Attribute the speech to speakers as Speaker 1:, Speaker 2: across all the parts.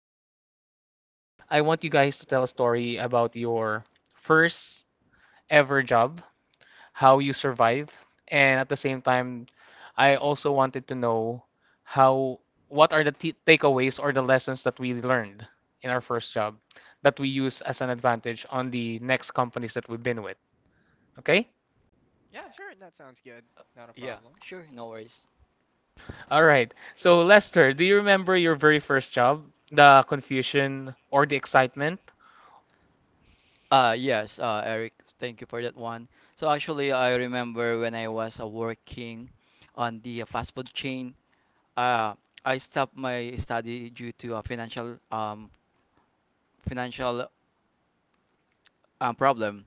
Speaker 1: First is I want you guys to tell a story about your first ever job how you survive, and at the same time, I also wanted to know how what are the t takeaways or the lessons that we learned in our first job that we use as an advantage on the next companies that we've been with. Okay?
Speaker 2: Yeah, sure, that sounds good. Not a
Speaker 3: Yeah,
Speaker 2: problem.
Speaker 3: sure, no worries.
Speaker 1: All right. So, Lester, do you remember your very first job? The confusion or the excitement?
Speaker 3: Yes, Eric, thank you for that one. So actually I remember when I was working on the fast food chain. uh I stopped my study due to a financial problem.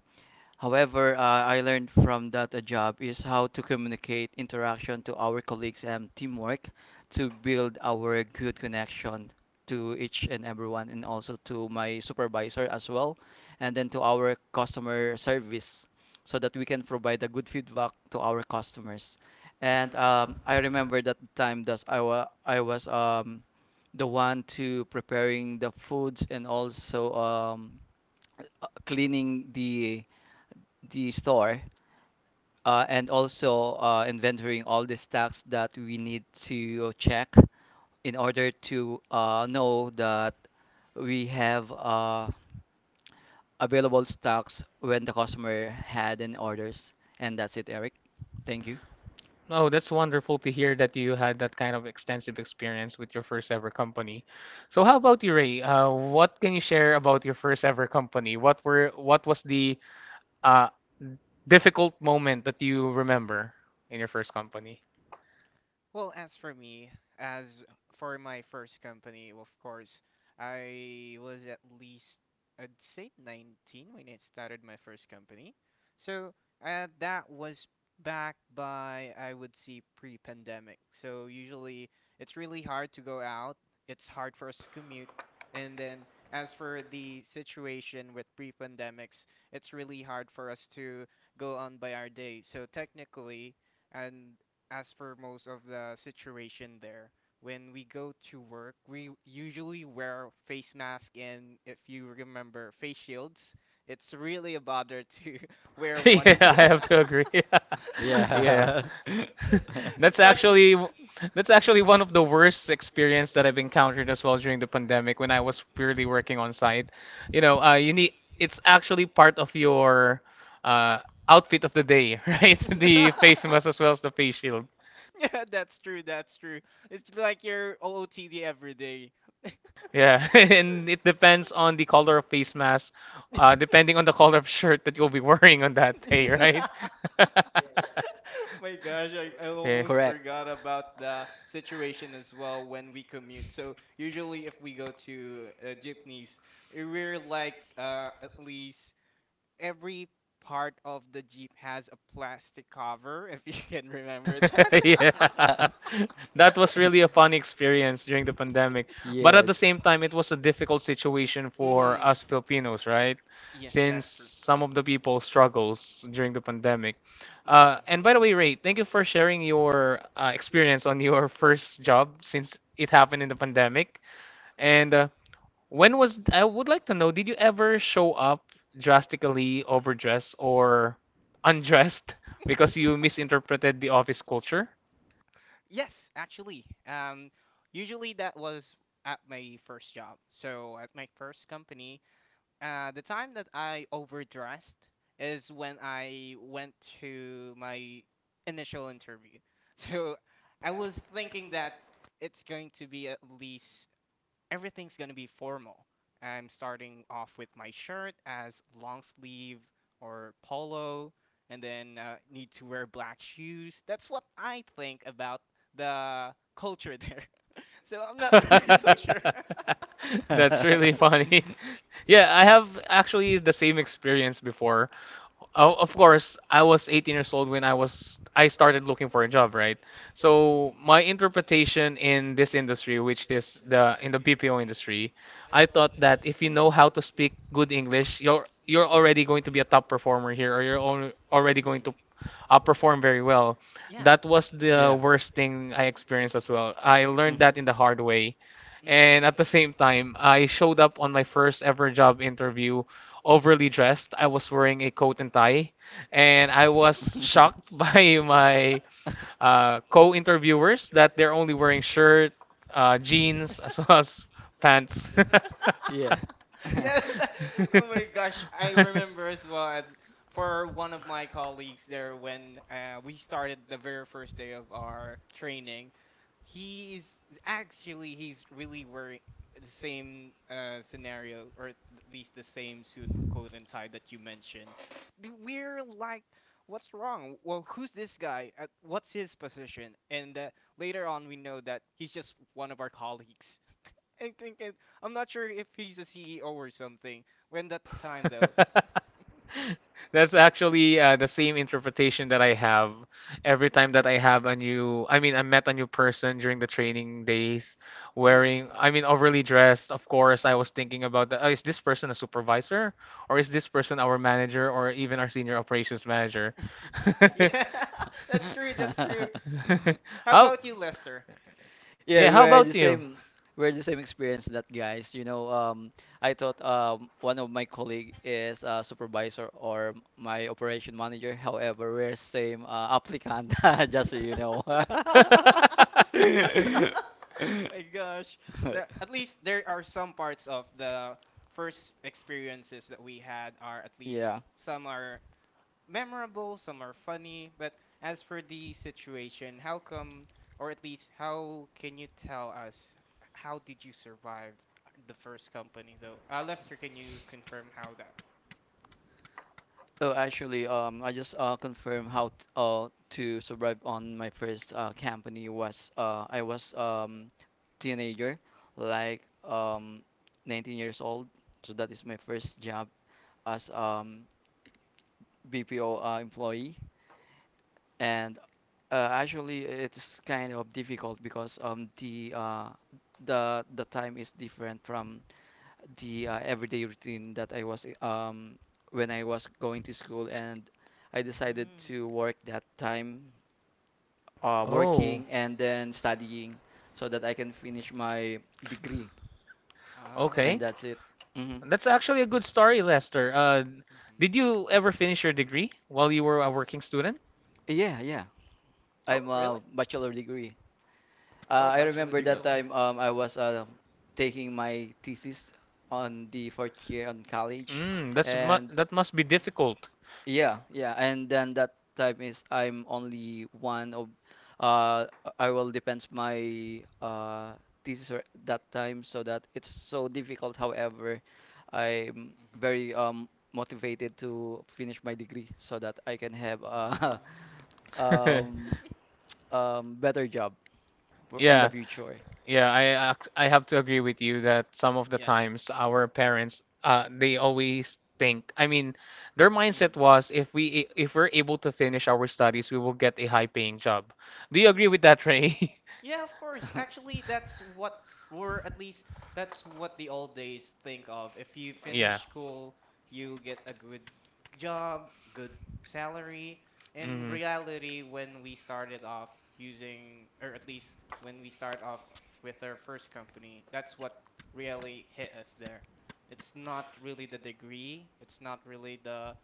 Speaker 3: However, I learned from that a job is how to communicate interaction to our colleagues and teamwork, to build our good connection to each and everyone and also to my supervisor as well, and then to our customer service so that we can provide a good feedback to our customers. And I remember that time that I was the one to preparing the foods, and also cleaning the store and also inventorying all the stocks that we need to check in order to know that we have available stocks when the customer had an orders. And that's it, Eric. Thank you.
Speaker 1: Oh, that's wonderful to hear that you had that kind of extensive experience with your first ever company. So how about you, Ray? What can you share about your first ever company? What was the uh, difficult moment that you remember in your first company?
Speaker 2: Well, as for me, as for my first company, of course, I was at least, I'd say 19 when I started my first company. So that was back by, I would say, pre-pandemic. So usually it's really hard to go out. It's hard for us to commute. And then as for the situation with pre-pandemics, it's really hard for us to go on by our day. So technically, and as for most of the situation there, when we go to work, we usually wear face mask and, if you remember, face shields. It's really a bother to wear
Speaker 1: Yeah,
Speaker 2: one,
Speaker 1: I have to agree. Yeah.
Speaker 3: Yeah.
Speaker 1: That's
Speaker 2: especially.
Speaker 1: actually that's actually one of the worst experience that I've encountered as well during the pandemic when I was purely working on site. You know, you need it's actually part of your uh, outfit of the day, right? The face mask as well as the face shield.
Speaker 2: Yeah, that's true, that's true. It's like your OOTD every day.
Speaker 1: Yeah, and it depends on the color of face mask, depending on the color of shirt that you'll be wearing on that day, right?
Speaker 2: My gosh, I
Speaker 1: Yeah.
Speaker 2: almost
Speaker 3: Correct.
Speaker 2: forgot about the situation as well when we commute. So usually if we go to jeepneys, we're like at least every part of the jeep has a plastic cover, if you can remember that.
Speaker 1: Yeah. That was really a fun experience during the pandemic. But at the
Speaker 3: Yes.
Speaker 1: same time, it was a difficult situation for
Speaker 2: Mm-hmm.
Speaker 1: us Filipinos, right?
Speaker 2: Yes,
Speaker 1: Since
Speaker 2: that's true.
Speaker 1: some of the people struggles during the pandemic.
Speaker 2: Mm-hmm.
Speaker 1: And by the way, Ray, thank you for sharing your experience on your first job since it happened in the pandemic. And when was, I would like to know, did you ever show up drastically overdressed or undressed because you misinterpreted the office culture?
Speaker 2: Yes, actually. Usually that was at my first job. So at my first company, the time that I overdressed is when I went to my initial interview. So I was thinking that it's going to be at least everything's going to be formal. I'm starting off with my shirt as long sleeve or polo, and then need to wear black shoes. That's what I think about the culture there. So I'm not really so sure.
Speaker 1: That's really funny. Yeah, I have actually the same experience before. Of course, I was 18 years old when I started looking for a job, right? So my interpretation in this industry, which is the BPO industry, I thought that if you know how to speak good English, you're already going to be a top performer here, or you're al-
Speaker 2: Mhm.
Speaker 1: already going
Speaker 2: Mhm.
Speaker 1: to perform very well.
Speaker 2: Yeah.
Speaker 1: That was
Speaker 3: Yeah.
Speaker 1: the worst thing I experienced as well. I learned
Speaker 3: Mhm.
Speaker 1: that in the hard way. And
Speaker 2: Mm-hmm.
Speaker 1: at the same time, I showed up on my first ever job interview overly dressed. I was wearing a coat and tie, and I was shocked by my co-interviewers that they're only wearing shirt, jeans, as well as pants.
Speaker 3: Yeah.
Speaker 2: Yeah. Oh my gosh, I remember as well for one of my colleagues there when we started the very first day of our training. He's he's really wearing the same scenario, or at least the same suit, coat, and tie that you mentioned. We're like, what's wrong? Well, who's this guy? What's his position? And later on, we know that he's just one of our colleagues. I think it, I'm not sure if he's a CEO or something. When that time though.
Speaker 1: That's actually the same interpretation that I have every time that I have a new, I met a new person during the training days wearing,
Speaker 2: Mm-mm.
Speaker 1: I mean, overly dressed. Of course, I was thinking about is this person a supervisor or is this person our manager or even our senior operations manager?
Speaker 2: Yeah, that's true. That's true. How
Speaker 1: How?
Speaker 2: about you, Lester?
Speaker 3: Yeah,
Speaker 1: Yeah,
Speaker 3: we
Speaker 1: how
Speaker 3: are
Speaker 1: about
Speaker 3: the
Speaker 1: you?
Speaker 3: same. We are the same experience that, guys. You know, I thought one of my colleague is a supervisor or my operation manager. However, we're same applicant. Just so you know.
Speaker 2: My gosh. At least there are some parts of the first experiences that we had, are at least
Speaker 3: Yeah.
Speaker 2: some are memorable, some are funny. But as for the situation, how come, or at least how can you tell us, how did you survive the first company though? Lester, can you confirm how that?
Speaker 3: Oh, actually, I just confirmed how t to survive on my first company. Was I was teenager, like 19 years old, so that is my first job as BPO employee. And actually it's kind of difficult because the time is different from the everyday routine that I was when I was going to school, and I decided
Speaker 2: Mm-hmm.
Speaker 3: to work that time,
Speaker 1: Oh,
Speaker 3: working and then studying so that I can finish my degree. And
Speaker 2: Ah.
Speaker 1: okay.
Speaker 3: that's it. Hmm.
Speaker 1: That's actually a good story, Lester. Did
Speaker 2: Hmm.
Speaker 1: you ever finish your degree while you were a working student?
Speaker 3: Yeah, yeah.
Speaker 2: Oh,
Speaker 3: I'm
Speaker 2: really?
Speaker 3: a bachelor degree.
Speaker 2: Oh,
Speaker 3: I
Speaker 2: bachelor
Speaker 3: remember
Speaker 2: degree
Speaker 3: that
Speaker 2: holder.
Speaker 3: time I was taking my thesis on the fourth year on college,
Speaker 1: Mm, that's mu
Speaker 3: and
Speaker 1: that must be
Speaker 2: Mhm.
Speaker 1: difficult.
Speaker 2: Yeah.
Speaker 3: yeah,
Speaker 2: Mhm.
Speaker 3: yeah, and then that time is I'm only one of, uh, I will depends my thesis, that time, so that it's so difficult. However, I'm very motivated to finish my degree so that I can have a
Speaker 2: Mm.
Speaker 3: um, better job
Speaker 2: Uh,
Speaker 3: in the
Speaker 1: Yeah,
Speaker 3: future.
Speaker 1: yeah, I have to agree with you that some of the
Speaker 2: yeah.
Speaker 1: times our parents they always think, I mean, their mindset
Speaker 2: Hmm.
Speaker 1: was if we're able to finish our studies, we will get a high paying job. Do you agree with that, Ray?
Speaker 2: Yeah, of course. Actually, that's what, or at least that's what the old days think of. If you
Speaker 1: Yeah.
Speaker 2: finish school, you get a good job, good salary. In
Speaker 1: Hmm.
Speaker 2: reality, when we started off using, or at least when we start off with our first company, that's what really hit us there. It's not really the degree, it's not really the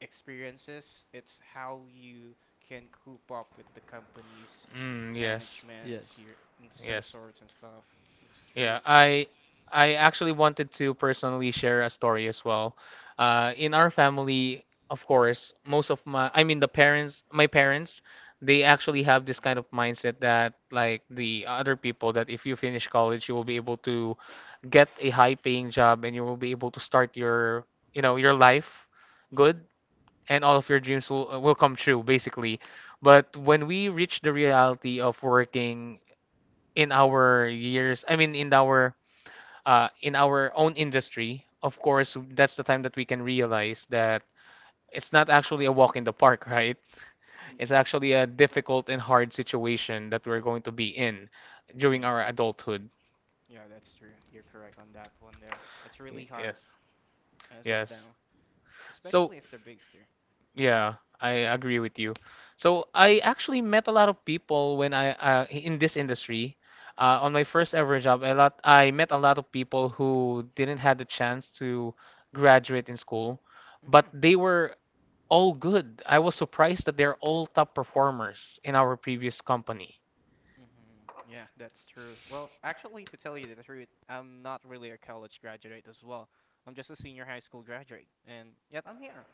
Speaker 2: experiences. It's how you can coop up with the company's
Speaker 1: Mm, yes.
Speaker 2: management,
Speaker 3: Yes.
Speaker 2: your in some
Speaker 1: Yes.
Speaker 2: sorts and stuff. That's true.
Speaker 1: Yeah, I actually wanted to personally share a story as well. In our family, of course, most of my, I mean, the parents, my parents, they actually have this kind of
Speaker 2: Hmm.
Speaker 1: mindset that like the other people that if you finish college, you will be able to get a high-paying job and you will be able to start your, you know, your life good and all of your dreams will come true basically. But when we reach the reality of working in our years, I mean in our own industry, of course, that's the time that we can realize that it's not actually a walk in the park, right? It's actually a difficult and hard situation that we're going to be in during
Speaker 2: Yeah,
Speaker 1: our adulthood.
Speaker 2: yeah, that's true. You're correct on that one there. That's
Speaker 1: Y-
Speaker 2: really hard
Speaker 1: Yes,
Speaker 2: as of
Speaker 1: yes.
Speaker 2: now,
Speaker 1: So,
Speaker 2: especially if they're big still.
Speaker 1: yeah, I agree with you. So, I actually met a lot of people when I in this industry. On my first ever job, a lot I met a lot of people who didn't have the chance to graduate in school, but
Speaker 2: Hmm.
Speaker 1: they were all good. I was surprised that they're all top performers in our previous company.
Speaker 2: Hmm. Yeah, that's true. Well, actually, to tell you the truth, I'm not really a college graduate as well. I'm just a senior high school graduate, and yet I'm here.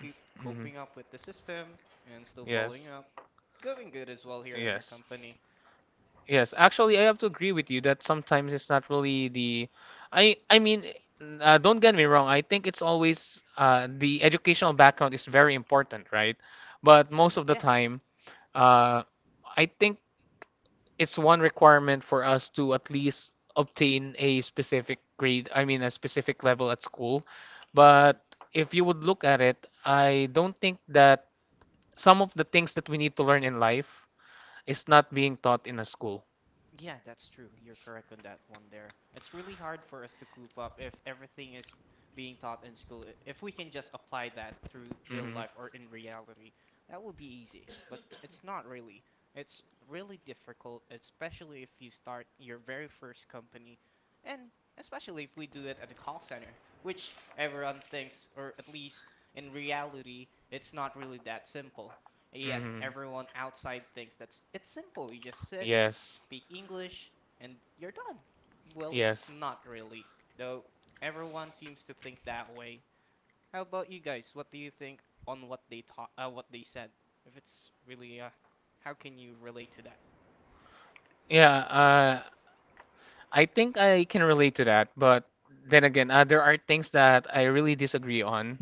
Speaker 2: Keep
Speaker 1: Hmm.
Speaker 2: coping up with the system and still following
Speaker 1: Yes.
Speaker 2: up. Going good as well here in our
Speaker 1: Yes.
Speaker 2: company.
Speaker 1: Yes, actually, I have to agree with you that sometimes it's not really the. I mean, don't get me wrong. I think it's always the educational background is very important, right? But most
Speaker 2: Hmm.
Speaker 1: of the
Speaker 2: Yeah.
Speaker 1: time, uh, I think it's one requirement for us to at least obtain a specific a specific level at school.
Speaker 2: Hmm.
Speaker 1: But if you would look at it, I don't think that some of the things that we need to learn in life is not being taught in a school.
Speaker 2: Yeah, that's true. You're correct on that one there. It's really hard for us to coop up if everything is being taught in school. If we can just apply that through real
Speaker 1: Hmm.
Speaker 2: life or in reality, that would be easy. But it's not really. It's really difficult, especially if you start your very first company, and especially if we do it at a call center, which everyone thinks, or at least in reality, it's not really that simple. Yet
Speaker 1: Hmm.
Speaker 2: everyone outside thinks that's it's simple. You just sit,
Speaker 1: Yes.
Speaker 2: speak English, and you're done. Well, it's
Speaker 1: Yes.
Speaker 2: not really, though everyone seems to think that way. How about you guys? What do you think on what they taught, what they said? If it's really, how can you relate to that?
Speaker 1: Yeah, I think I can relate to that, but then again, there are things that I really disagree on,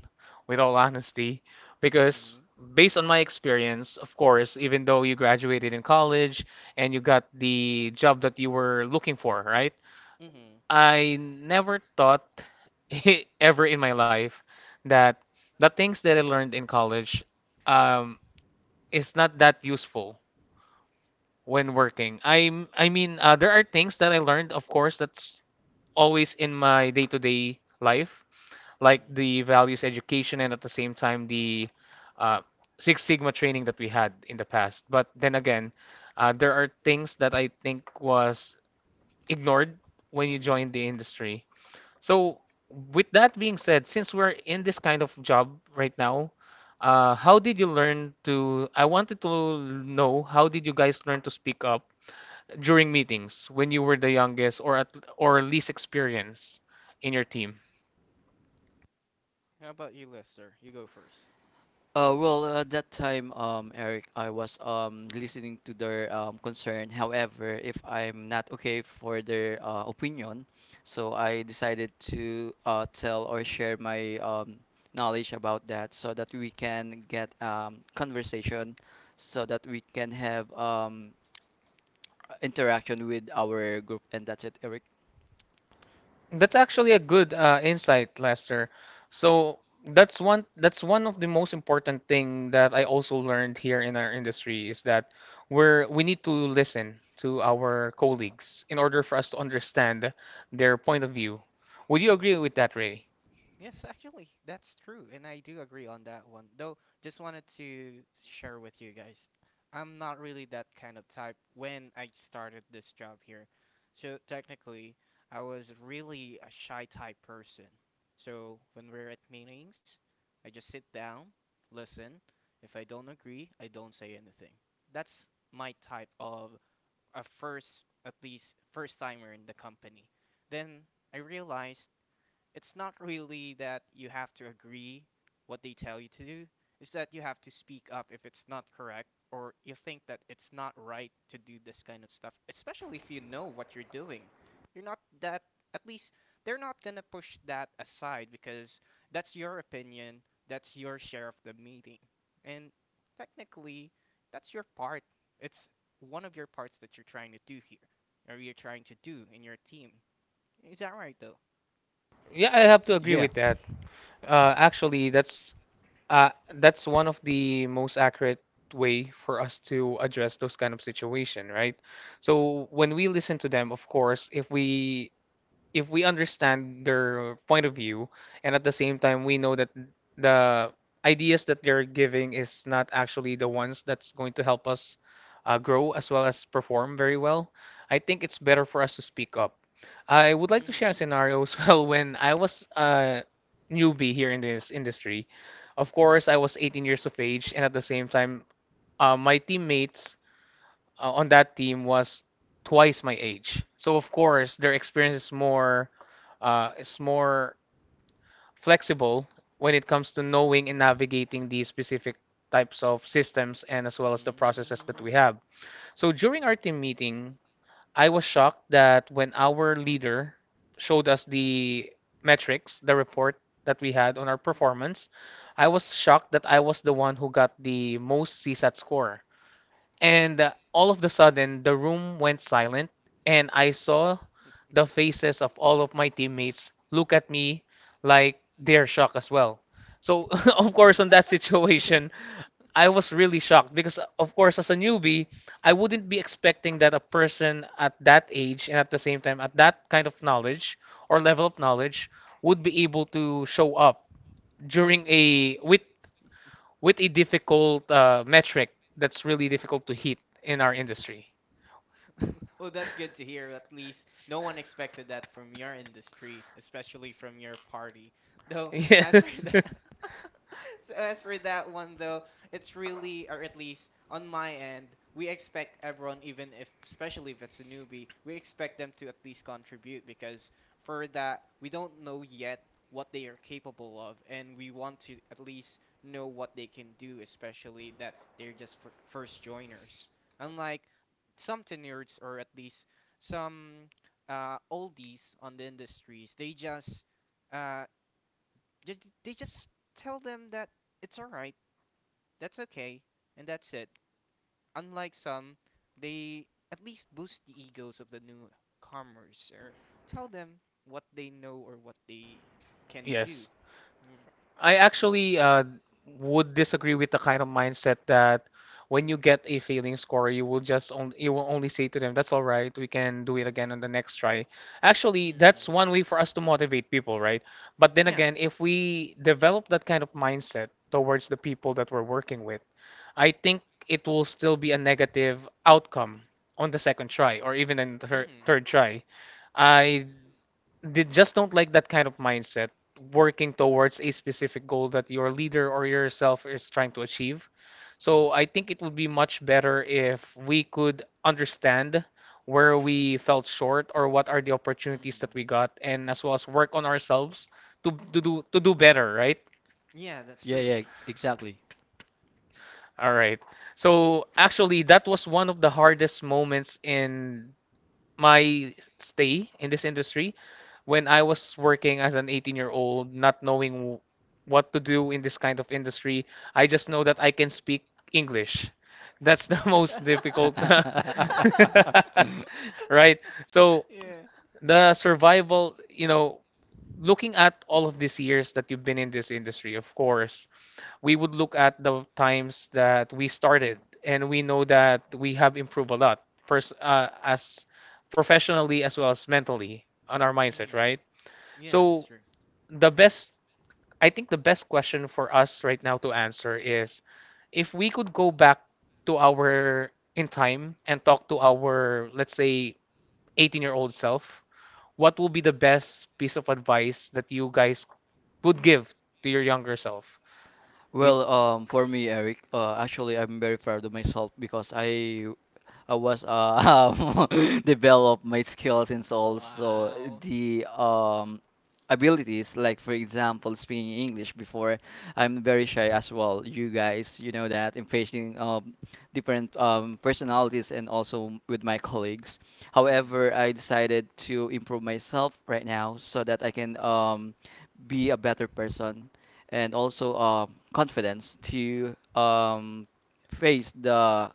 Speaker 1: with all honesty, because
Speaker 2: Mm-hmm.
Speaker 1: based on my experience, of course, even though you graduated in college and you got the job that you were looking for, right?
Speaker 2: Mm-hmm.
Speaker 1: I never thought ever in my life that the things that I learned in college um, is not that useful when working. I mean, there are things that I learned, of course, that's always in my day-to-day life, like
Speaker 2: Mm-hmm.
Speaker 1: the values education and at the same time the uh, Six Sigma training that we had in the past. But then again, there are things that I think was ignored when you
Speaker 2: Mm-hmm.
Speaker 1: join the industry. So with that being said, since we're in this kind of job right now, how did you learn to? I wanted to know how did you guys learn to speak up during meetings when you were the youngest or least experienced in your team.
Speaker 2: How about you, Lester? You go 1st.
Speaker 3: Well, at that time, Eric, I was listening to their concern. However, if I'm not okay for their opinion, so I decided to tell or share my knowledge about that so that we can get conversation, so that we can have interaction with our group. And that's it, Eric.
Speaker 1: That's actually a good insight, Lester. So that's one of the most important thing that I also learned here in our industry is that we need to listen to our colleagues in order for us to understand their point of view. Would you agree
Speaker 2: Mm-hmm.
Speaker 1: with that, Ray?
Speaker 2: Yes, actually, that's true, and I do agree on that one. Though, just wanted to share with you guys, I'm not really that kind of type when I started this job here. So, technically, I was really a shy type person. So, when we're at meetings, I just sit down, listen. If I don't agree, I don't say anything. That's my type of a first, at least first timer in the company. Then I realized it's not really that you have to agree what they tell you to do. It's that you have to speak up if it's not correct or you think that it's not right to do this kind of stuff, especially if you know what you're doing. You're not that, at least they're not going to push that aside because that's your opinion, that's your share of the meeting. And technically, that's your part. It's one of your parts that you're trying to do here or you're trying to do in your team. Is that right though?
Speaker 1: Yeah, I have to agree
Speaker 3: Yeah.
Speaker 1: with that. Actually, that's one of the most accurate way for us to address those kind of situation, right? So when we listen to them, of course, if we understand their point of view and at the same time we know that the ideas that they're giving is not actually the ones that's going to help us grow as well as perform very well, I think it's better for us to speak up. I would like to share a
Speaker 2: Mhm.
Speaker 1: scenario as well when I was a newbie here in this industry. Of course, I was 18 years of age, and at the same time, my teammates on that team was twice my age. So of course their experience is more flexible when it comes to knowing and navigating these specific types of systems and as well as the processes that we
Speaker 2: Mm, yeah.
Speaker 1: have. So during our team meeting, I was shocked that when our leader showed us the metrics, the report that we had on our performance, I was shocked that I was the one who got the most CSAT score. And all of the sudden, the room went silent, and I saw the faces of all of my teammates look at me like they're shocked as well. So, of course, on that situation, I was really shocked because, of course, as a newbie, I wouldn't be expecting that a person at that age and at the same time at that kind of knowledge or level of knowledge would be able to show up during a
Speaker 2: Yeah.
Speaker 1: with a difficult metric that's really difficult to hit in our industry.
Speaker 2: Well, that's good to hear. At least no one expected that from your industry, especially from your party. Though, as for
Speaker 1: Yes.
Speaker 2: that, so as for that one though, it's really, or at least on my end, we expect everyone, even if, especially if it's a newbie, we expect them to at least contribute because for that, we don't know yet what they are capable of, and we want to at least know what they can do, especially that they're just first joiners. Unlike some to, or at least some oldies on the industries, uh, they, they just tell them that it's all right, that's okay, and that's it. Unlike some, they at least boost the egos of the newcomers or tell them what they know or what they can do.
Speaker 1: Yes.
Speaker 2: Mm.
Speaker 1: I actually would disagree with the kind of mindset that when you get a failing score, you will only say to them, "That's all right. We can do it again on the next try." Actually, that's
Speaker 2: Mm.
Speaker 1: one way for us to motivate people, right? But then
Speaker 2: Yeah.
Speaker 1: again, if we develop that kind of mindset towards the people that we're working with, I think it will still be a negative outcome on the second try or even in the
Speaker 2: Hmm.
Speaker 1: thir-
Speaker 2: Hmm.
Speaker 1: third try. I did just don't like that kind of mindset working towards a specific goal that your leader or yourself is trying to achieve. So I think it would be much better if we could understand where we felt short or what are the opportunities that we got and as well as work on ourselves to do better, right?
Speaker 2: Yeah, that's
Speaker 3: Yeah,
Speaker 2: true.
Speaker 3: yeah, exactly.
Speaker 2: Right.
Speaker 1: All right. So actually, that was one of the hardest moments in my stay in this industry when I was working as an 18-year-old, not knowing what to do in this kind of industry. I just know that I can speak English. That's the most difficult. Right. So
Speaker 2: Yeah.
Speaker 1: the survival, looking at all of these years that you've been in this industry, of course, we would look at the times that we started and we know that we have improved a lot, first as professionally as well as mentally on our mindset,
Speaker 2: Mm.
Speaker 1: right?
Speaker 2: Yeah, that's
Speaker 1: So,
Speaker 2: true.
Speaker 1: the best I think the best question for us right now to answer is, if we could go back to our in time and talk to our, let's say, 18-year-old self, what will be the best piece of advice that you guys would give to your younger self? You-
Speaker 3: Well, for me, Eric, actually, I'm very proud of myself because I was develop my skills, and also the abilities. Like for example, speaking English before, I'm very shy as well. You guys, you know that, in facing different personalities and also with my colleagues. However, I decided to improve myself right now so that I can be a better person, and also confidence to face the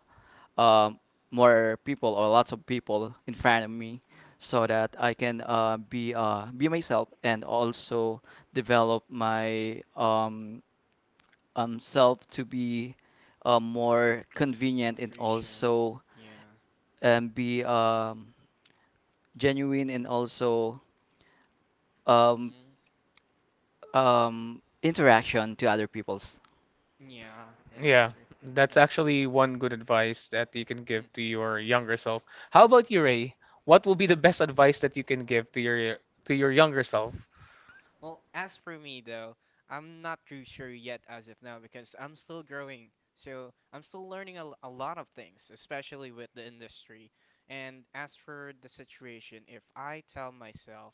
Speaker 3: um, more people or lots of people in front of me, so that I can be myself and also develop my self to be more convenient, and
Speaker 2: Proficient.
Speaker 3: also
Speaker 2: Yeah.
Speaker 3: be genuine, and also um,
Speaker 2: Mm.
Speaker 3: interaction to other people's.
Speaker 2: Yeah, that's
Speaker 1: Yeah,
Speaker 2: true.
Speaker 1: that's
Speaker 2: That's true.
Speaker 1: actually one good advice that you can give to
Speaker 2: Mm-hmm.
Speaker 1: your younger self. How about you,
Speaker 2: Mm-hmm.
Speaker 1: Ray? What will be the best advice that you can give to your younger self?
Speaker 2: Well, as for me though, I'm not too sure yet as of now because I'm still growing. So I'm still learning a lot of things, especially with the industry. And as for the situation, if I tell myself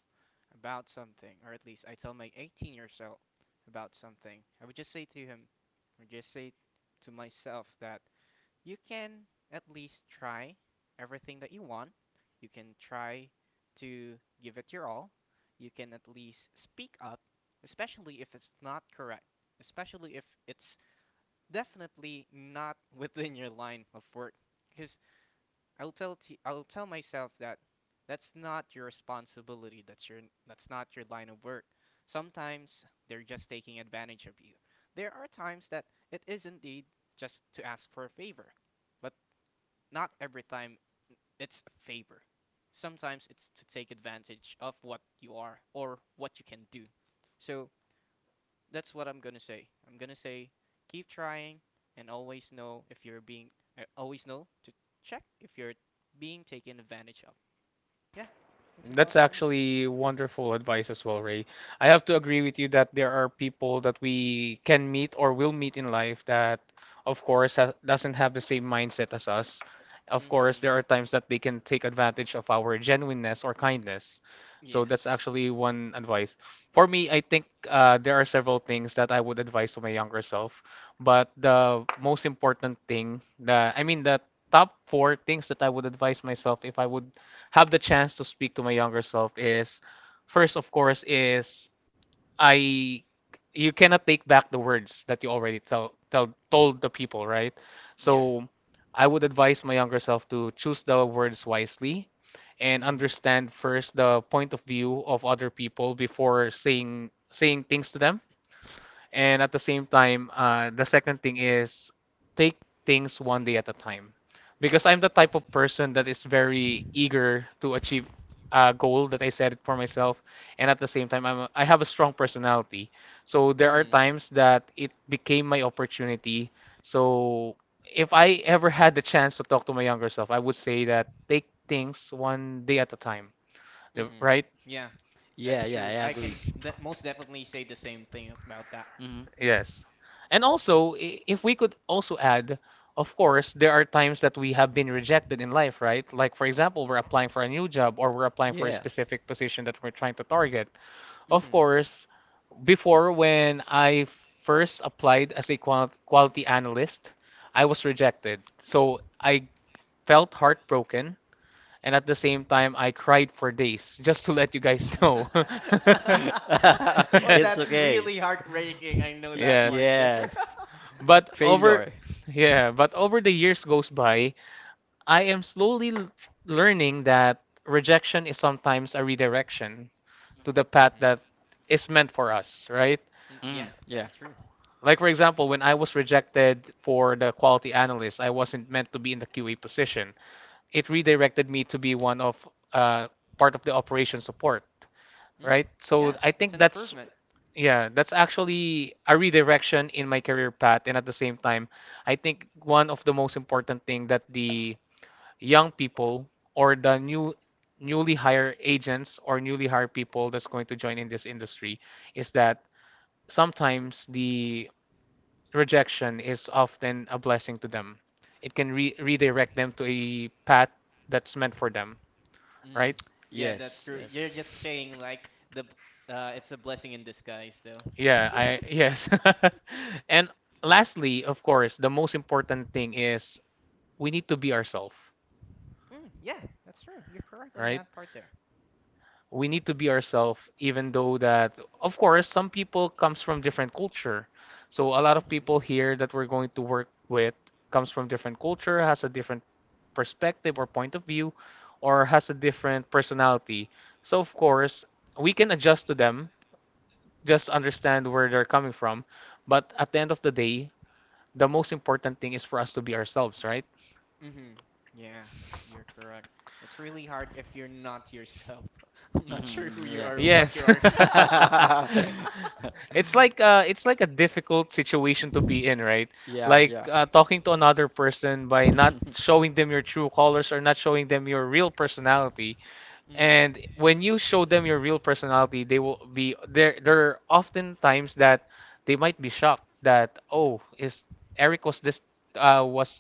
Speaker 2: about something, or at least I tell my 18 years old about something, I would just say to him, or just say to myself that you can at least try everything that you want. You can try to give it your all. You can at least speak up, especially if it's not correct, especially if it's definitely not within your line of work. Because I'll tell myself that that's not your responsibility. That's not your line of work. Sometimes they're just taking advantage of you. There are times that it is indeed just to ask for a favor, but not every time it's a favor. Sometimes it's to take advantage of what you are or what you can do. So that's what I'm gonna say. I'm gonna say keep trying, and always know if you're being always know to check if you're being taken advantage of. Yeah, that's about
Speaker 1: That's
Speaker 2: it for me.
Speaker 1: actually wonderful advice as well, Ray. I have to agree with you that there are people that we can meet or will meet in life that, of course, ha doesn't have the same mindset as us. Of course,
Speaker 2: Mm-hmm.
Speaker 1: there are times that they can take advantage of our genuineness or kindness. So
Speaker 2: Yeah.
Speaker 1: that's actually one advice. For me, I think there are several things that I would advise to my younger self, but the most important thing, the I mean, the top four things that I would advise myself if I would have the chance to speak to my younger self, is first, of course, is I you cannot take back the words that you already tell, tell
Speaker 2: Mm,
Speaker 1: told the people, right?
Speaker 2: yeah.
Speaker 1: So I would advise my younger self to choose the words wisely and
Speaker 2: Mm-hmm.
Speaker 1: understand first the point of view of other people before saying things to them, and at the same time, the second thing is, take things one day at a time. Because I'm the type of
Speaker 2: Mm-hmm.
Speaker 1: person that is very eager to achieve a goal that I set it for myself. And at the same time, I have a strong personality. So there are
Speaker 2: Mhm.
Speaker 1: times that it became my opportunity. So if I ever had the chance to talk to my younger self, I would say that take things one day at a time.
Speaker 2: Mhm.
Speaker 1: Right?
Speaker 2: Yeah,
Speaker 3: Yeah,
Speaker 2: that's
Speaker 3: yeah, I
Speaker 2: true. I can
Speaker 3: agree.
Speaker 2: that most definitely say the same thing about that.
Speaker 1: Yes. And also, if we could also add, of course, there are times that we have been rejected in life, right? Like, for example, we're applying for a new job or we're applying for a specific position that we're trying to target. Of
Speaker 2: Mhm.
Speaker 1: course, before, when I first applied as a quality analyst, I was rejected. So I felt heartbroken, and at the same time, I cried for days, just to let you guys know.
Speaker 2: Well,
Speaker 3: It's
Speaker 2: that's
Speaker 3: okay.
Speaker 2: really heartbreaking. I know that part
Speaker 1: Yes.
Speaker 2: there.
Speaker 3: Yes.
Speaker 1: But over,
Speaker 3: Failure.
Speaker 1: yeah, but over the years goes by, I am slowly learning that rejection is sometimes a redirection to the path
Speaker 2: Mhm.
Speaker 1: that is meant for us, right?
Speaker 2: Mm, yeah,
Speaker 3: Mm, yeah.
Speaker 2: that's true.
Speaker 1: Like for example, when I was rejected for the quality analyst, I wasn't meant to be in the QA position. It redirected me to be one of uh, part of the operation support,
Speaker 2: Mm,
Speaker 1: right? So
Speaker 2: yeah,
Speaker 1: I
Speaker 2: that's
Speaker 1: think
Speaker 2: an
Speaker 1: that's,
Speaker 2: improvement.
Speaker 1: yeah, that's actually a redirection in my career path, and at the same time, I think one of the most important thing that the young people or the newly hire agents or newly hired people that's going to join in this industry is that sometimes the rejection is often a blessing to them. It can re redirect them to a path that's meant for them,
Speaker 2: Mm,
Speaker 1: right?
Speaker 2: yeah, that's
Speaker 3: Yes,
Speaker 2: true. You're
Speaker 3: yes.
Speaker 2: just saying like the b- it's a blessing in disguise, though.
Speaker 1: Yeah, I yes. And lastly, of course, the most important thing is we need to be ourselves,
Speaker 2: Mm, yeah, that's true. You're correct on
Speaker 1: right?
Speaker 2: that part there.
Speaker 1: We need to be ourselves, even though that, of course, some people comes from different culture. So a lot of
Speaker 2: Mhm.
Speaker 1: people here that we're going to work with comes from different culture, has a different perspective or point of view, or has a different personality. So of course, we can adjust to them, just understand where they're coming from. But at the end of the day, the most important thing is for us to be ourselves, right?
Speaker 2: Mm-hmm. Yeah, you're correct. It's really hard if you're not yourself. I'm not sure
Speaker 3: Hmm,
Speaker 2: who you
Speaker 3: yeah.
Speaker 2: are, or what
Speaker 1: Yes.
Speaker 2: you are.
Speaker 1: It's like a difficult situation to be in, right?
Speaker 3: Yeah,
Speaker 1: Like
Speaker 3: yeah.
Speaker 1: talking to another person by not showing them your true colors or not showing them your real personality.
Speaker 2: Mm.
Speaker 1: And when you show them your real personality, they will be there. There are often times that they might be shocked that, "Oh, is Eric was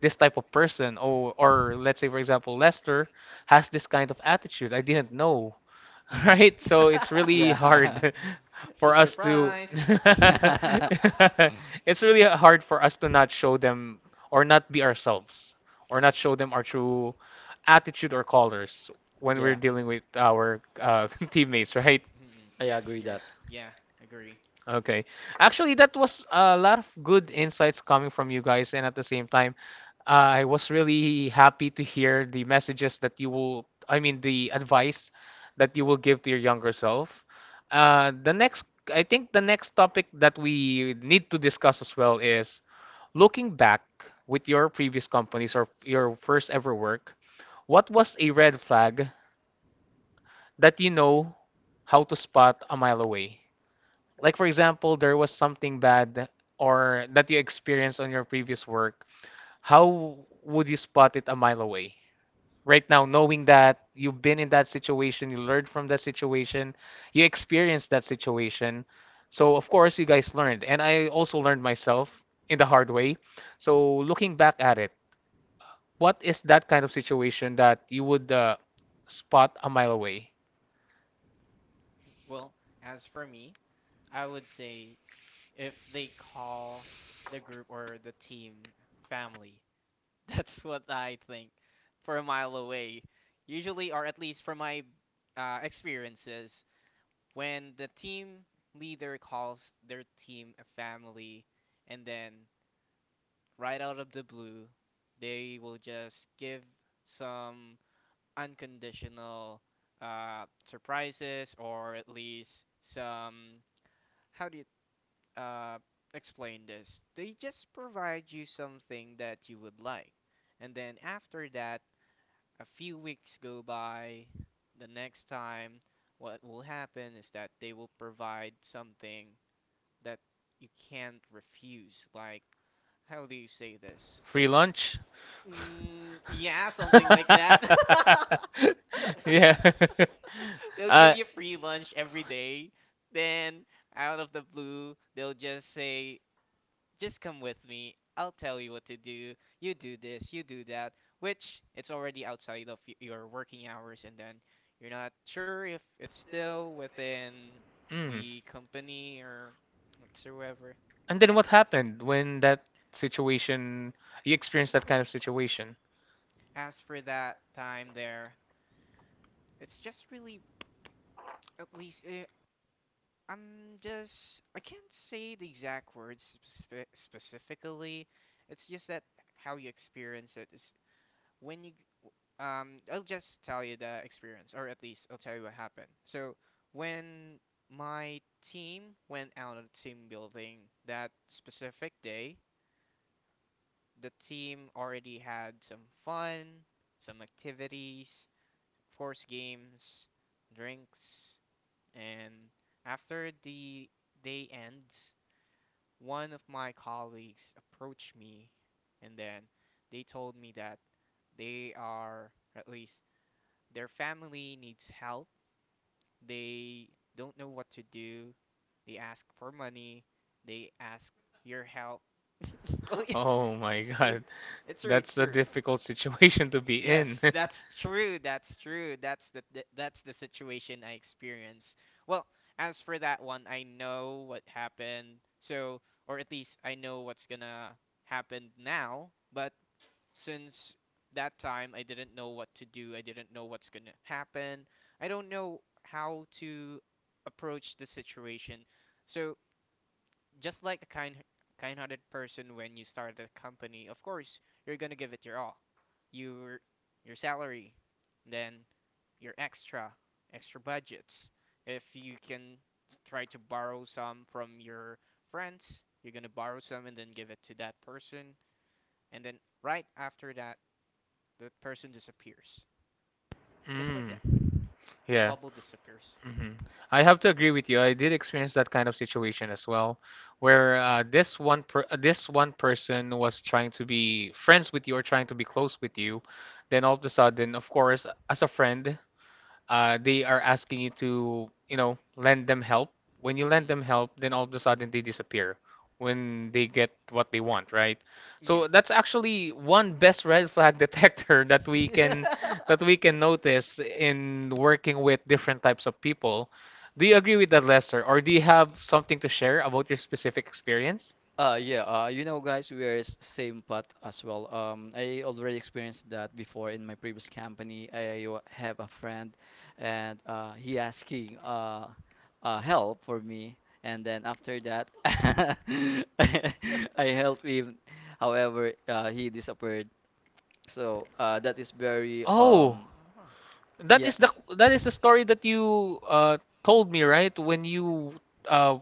Speaker 1: this type of person, or let's say for example, Lester has this kind of attitude. I didn't know."
Speaker 3: Hmm.
Speaker 1: Right? So it's really
Speaker 3: Yeah.
Speaker 1: hard
Speaker 2: It's a
Speaker 1: for us to
Speaker 2: surprise.
Speaker 1: it's really hard for us to not show them or not be ourselves or not show them our true attitude or colors when
Speaker 3: Yeah.
Speaker 1: we're dealing with our teammates, right?
Speaker 2: Mm,
Speaker 3: I
Speaker 2: yeah,
Speaker 3: agree
Speaker 2: you're
Speaker 3: that.
Speaker 2: yeah, agree.
Speaker 1: Okay. Actually, that was a lot of good insights coming from you guys, and at the same time, uh, I was really happy to hear the messages that you will, I mean, the advice that you will give to your younger self. The next, I think the next topic that we need to discuss as well is, looking back with your previous companies or your first ever work, what was a red flag that you know how to spot a mile away? Like, for example, there was something bad or that you experienced on your previous work. How would you spot it a mile away? Right now, knowing that you've been in that situation, you learned from that situation, you experienced that situation. So, of course, you guys learned. And I also learned myself in the hard way. So, looking back at it, what is that kind of situation that you would spot a mile away?
Speaker 2: Well, as for me, I would say if they call the group or the team family, that's what I think for a mile away. Usually, or at least from my experiences, when the team leader calls their team a family, and then right out of the blue, they will just give some unconditional surprises, or at least some how do you uh, explain this? They just provide you something that you would like. And then after that, a few weeks go by. The next time, what will happen is that they will provide something that you can't refuse. Like how do you say this?
Speaker 1: Free lunch?
Speaker 2: Mm, yeah, something like that.
Speaker 1: Yeah.
Speaker 2: They'll
Speaker 1: uh,
Speaker 2: give you free lunch every day. Then, out of the blue, they'll just say, just come with me. I'll tell you what to do. You do this, you do that, which it's already outside of your working hours, and then you're not sure if it's still within
Speaker 1: mm.
Speaker 2: the company or whatsoever.
Speaker 1: And then
Speaker 2: Yeah.
Speaker 1: what happened when that situation, you experienced that kind of situation?
Speaker 2: As for that time there, it's just really, at least, I can't say the exact words specifically. It's just that how you experience it is when you, I'll just tell you the experience, or at least I'll tell you what happened. So when my team went out of team building that specific day, the team already had some fun, some activities, of course, games, drinks, and after the day ends, one of my colleagues approached me and then they told me that they are, at least, their family needs help, they don't know what to do. They ask for money. They ask your help. Well, yeah,
Speaker 1: Oh my
Speaker 2: it's true.
Speaker 1: God.
Speaker 2: It's true. It's
Speaker 1: That's a
Speaker 2: true.
Speaker 1: difficult situation to be in.
Speaker 2: Yes, that's true. That's true. That's the that's the situation I experienced. Well, as for that one, I know what happened. So, or at least I know what's gonna happen now. But since that time I didn't know what to do. I didn't know what's going to happen. I don't know how to approach the situation. So, just like a kind-hearted person, when you start a company, of course, you're going to give it your all. Your your salary, then your extra budgets. If you can, try to borrow some from your friends, you're going to borrow some and then give it to that person. And then right after that, the person disappears. Just like
Speaker 1: Mm.
Speaker 2: that. A
Speaker 1: Yeah.
Speaker 2: bubble disappears.
Speaker 1: Mhm. I have to agree with you. I did experience that kind of situation as well, where this one person was trying to be friends with you or trying to be close with you, then all of a sudden, of course, as a friend, they are asking you to, lend them help. When you lend
Speaker 2: Hmm.
Speaker 1: them help, then all of a sudden they disappear when they get what they want, right?
Speaker 2: Yeah.
Speaker 1: So that's actually one best red flag detector that we can notice in working with different types of people. Do you agree with that, Lester? Or do you have something to share about your specific experience?
Speaker 3: Yeah, guys, we are same path as well. I already experienced that before in my previous company. Have a friend, and he asking help for me, and then after that, I I help him. However, he disappeared. So that is very
Speaker 1: Oh,
Speaker 2: Ah.
Speaker 3: Yeah.
Speaker 1: that is the story that you told me, right? When you uh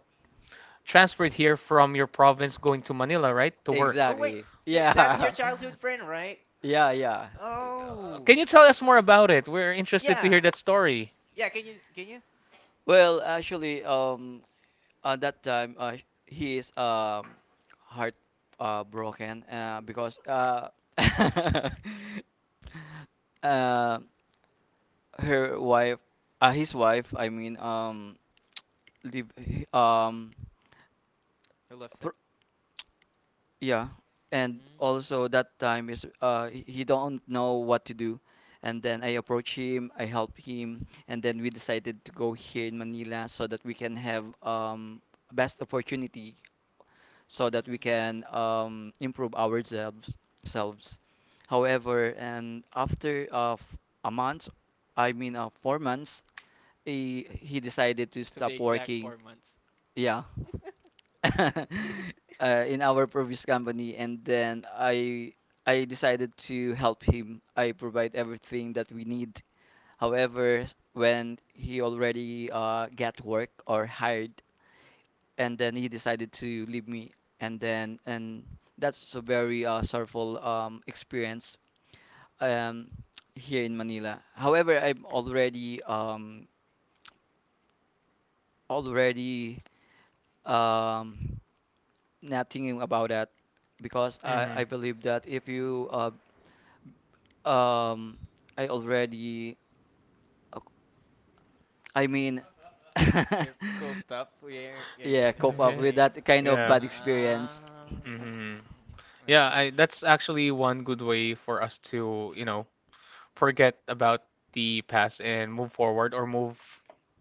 Speaker 1: transferred here from your province going to Manila, right? To work.
Speaker 2: Oh, wait.
Speaker 3: Exactly.
Speaker 2: So that's your
Speaker 3: Yeah.
Speaker 2: childhood friend, right?
Speaker 3: Yeah, yeah.
Speaker 2: Oh.
Speaker 1: Can you tell us more about it? We're interested to
Speaker 2: Yeah.
Speaker 1: hear that story.
Speaker 2: Yeah, can you?
Speaker 3: Well, actually, at that time, he is heart broken because uh her wife, his wife, I mean, leave. um
Speaker 2: I love them.
Speaker 3: Pr- Yeah, and also that time is
Speaker 2: Mm-hmm.
Speaker 3: he don't know what to do, and then I approach him, I help him, and then we decided to go here in Manila so that we can have best opportunity, so that we
Speaker 2: Mm,
Speaker 3: can improve ourselves selves. However, and after of a month, I mean, 4 months, he decided to
Speaker 2: to be
Speaker 3: stop
Speaker 2: exact,
Speaker 3: working.
Speaker 2: 4 months.
Speaker 3: Yeah. uh, in our previous company, and then I decided to help him. I provide everything that we need. However, when he already got work or hired, and then he decided to leave me, and then and that's a very sorrowful experience um, here in
Speaker 2: Mm,
Speaker 3: Manila. However, I'm already, already um, not thinking about that because I,
Speaker 1: hmm
Speaker 3: I believe that if
Speaker 2: mm.
Speaker 3: you um I already uh, I mean
Speaker 2: You've coped up where you're,
Speaker 3: yeah,
Speaker 2: that's
Speaker 3: cope
Speaker 2: what I'm
Speaker 3: up with
Speaker 2: saying.
Speaker 3: that kind of
Speaker 1: Yeah.
Speaker 3: bad experience.
Speaker 2: Ah,
Speaker 1: hmm
Speaker 2: mm, I see.
Speaker 1: That's actually one good way for us to, you know, forget about the past and move forward, or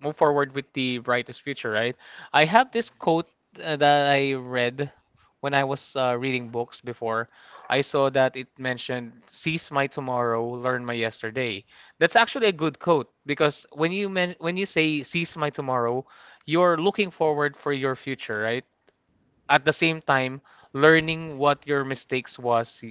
Speaker 1: move forward with the brightest future, right? I have this
Speaker 2: Hmm.
Speaker 1: quote that I read when I was reading books before. I saw that it mentioned, "Seize my tomorrow, learn my yesterday." That's actually a good quote because when you men when you say seize my tomorrow, you're looking forward for your future, right? At the same time, learning what your mistakes was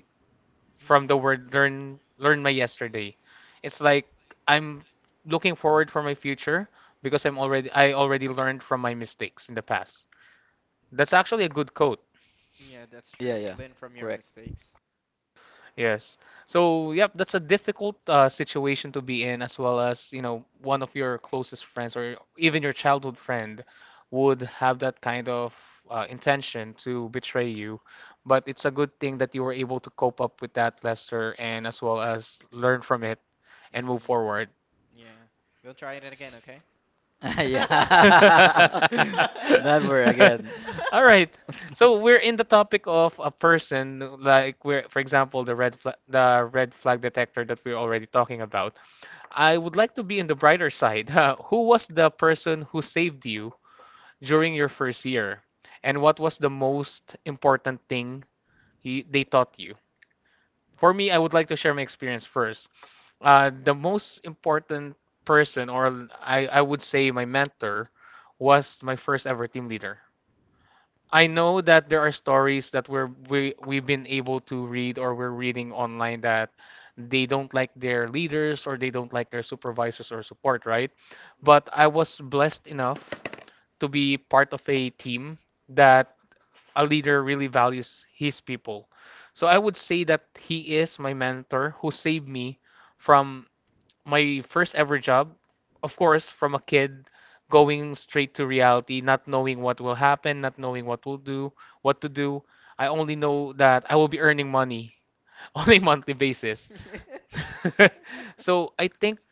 Speaker 1: from the
Speaker 2: Hmm.
Speaker 1: word learn, learn my yesterday. It's like, I'm looking forward for my future because I already learned from my mistakes in the past. That's actually a good quote.
Speaker 2: Yeah, that's
Speaker 3: Yeah,
Speaker 2: true.
Speaker 3: yeah.
Speaker 2: Learn from your
Speaker 3: Correct.
Speaker 2: mistakes.
Speaker 1: Yes. So, yep, that's a difficult situation to be in, as well as, one of your closest friends or even your childhood friend would have that kind of intention to betray you. But it's a good thing that you were able to cope up with that, Lester, and as well as learn from it and move
Speaker 2: Hmm.
Speaker 1: forward.
Speaker 2: Yeah. Don't try it again, okay? Mhm.
Speaker 3: Yeah. Never again.
Speaker 1: All right. So we're in the topic of a person, like we're, for example, the red flag detector that we're already talking about. I would like to be in the brighter side. Who was the person who saved you during your first year, and what was the most important thing he, they taught you? For me, I would like to share my experience first. The most important person, or I would say my mentor, was my first ever team leader. I know that there are stories that we've been able to read or we're reading online that they don't like their leaders or they don't like their supervisors or support, right? But I was blessed enough to be part of a team that a leader really values his people. So I would say that he is my mentor who saved me from my first ever job, of course, from a kid going straight to reality, not knowing what will happen, not knowing what will do, what to do. I only know that I will be earning money on a monthly basis. So I think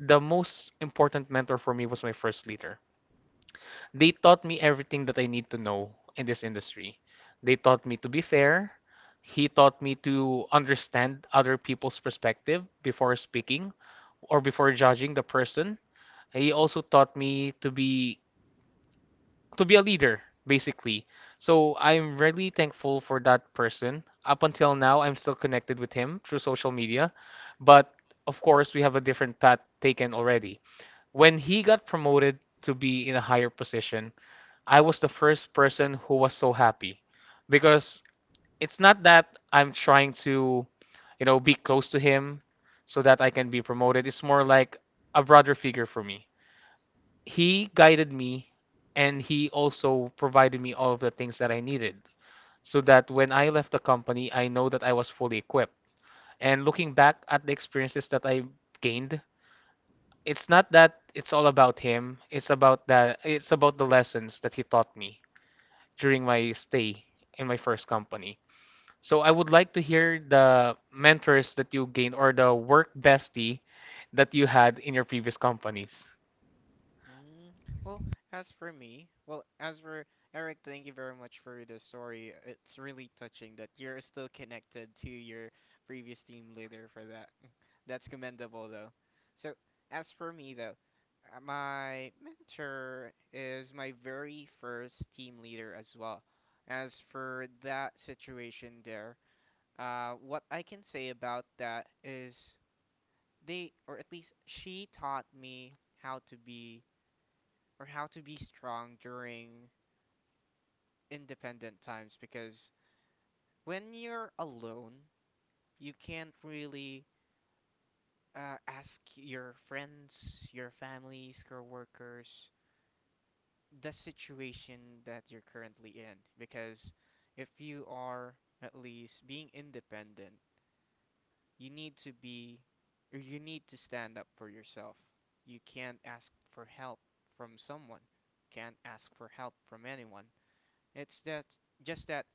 Speaker 1: the most important mentor for me was my first leader. They taught me everything that I need to know in this industry. They taught me to be fair. He taught me to understand other people's perspective before speaking or before judging the person. He also taught me to be a leader, basically. So I'm really thankful for that person. Up until now, I'm still connected with him through social media, but of course, we have a different path taken already. When he got promoted to be in a higher position, I was the first person who was so happy because it's not that I'm trying to, you know, be close to him so that I can be promoted. It's more like a brother figure for me. He guided me and he also provided me all of the things that I needed so that when I left the company, I know that I was fully equipped. And looking back at the experiences that I gained, it's not that it's all about him, it's about the lessons that he taught me during my stay in my first company. So I would like to hear the mentors that you gained or the work bestie that you had in your previous companies.
Speaker 2: Mm, well, as for Eric, thank you very much for the story. It's really touching that you're still connected to your previous team leader for that. That's commendable, though. So, as for me, though, my mentor is my very first team leader as well. As for that situation there, what I can say about that is they, or at least she taught me how to be or how to be strong during independent times because when you're alone, you can't really ask your friends, your families, coworkers the situation that you're currently in because if you are at least being independent, you need to be or you need to stand up for yourself. You can't ask for help from someone. Can't ask for help from anyone. It's that just that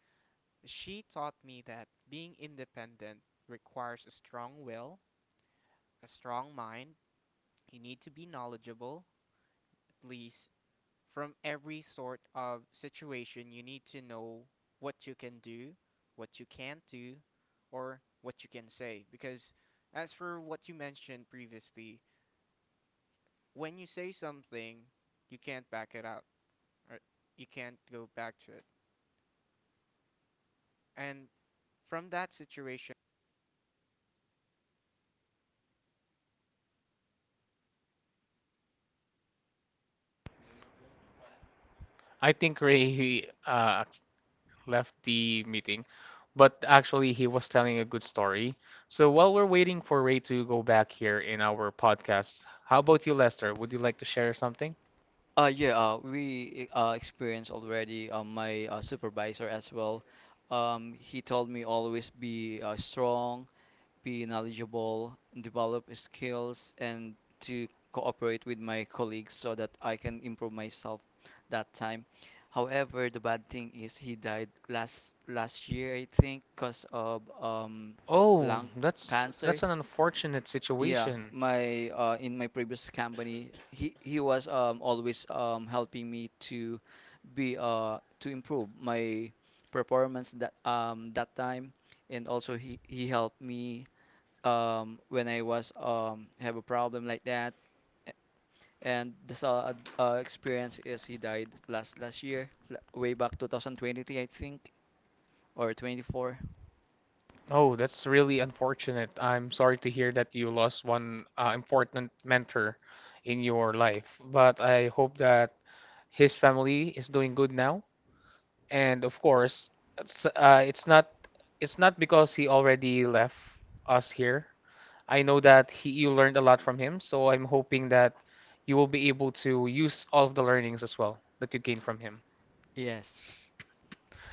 Speaker 2: she taught me that being independent requires a strong will, a strong mind. You need to
Speaker 1: I think Ray left the meeting, but actually he was telling a good story. So while we're waiting for Ray to go back here in our podcast, how about you, Lester? Would you like to share something?
Speaker 3: Yeah, we experienced already my supervisor as well. He told me always be strong, be knowledgeable, develop skills, and to cooperate with my colleagues so that I can improve myself that time. However, the bad thing is he died last last year, I think, because of
Speaker 1: Oh,
Speaker 3: lung
Speaker 1: that's
Speaker 3: cancer.
Speaker 1: that's an unfortunate
Speaker 3: Yeah,
Speaker 1: situation.
Speaker 3: my in my previous company, he was always helping me to be to improve my performance that that time, and also he helped me when I was have a problem like that. A- And the sad experience is he died last last year, way back 2023, I think, or 24.
Speaker 1: Oh, that's really unfortunate. I'm sorry to hear that you lost one important mentor in your life, but I hope that his family is doing good now. And of course, it's, uh, it's not it's not because he already left us here. I know that he you learned a lot from him, so I'm hoping that you will be able to use all of the learnings as well that you gained from him.
Speaker 3: Yes.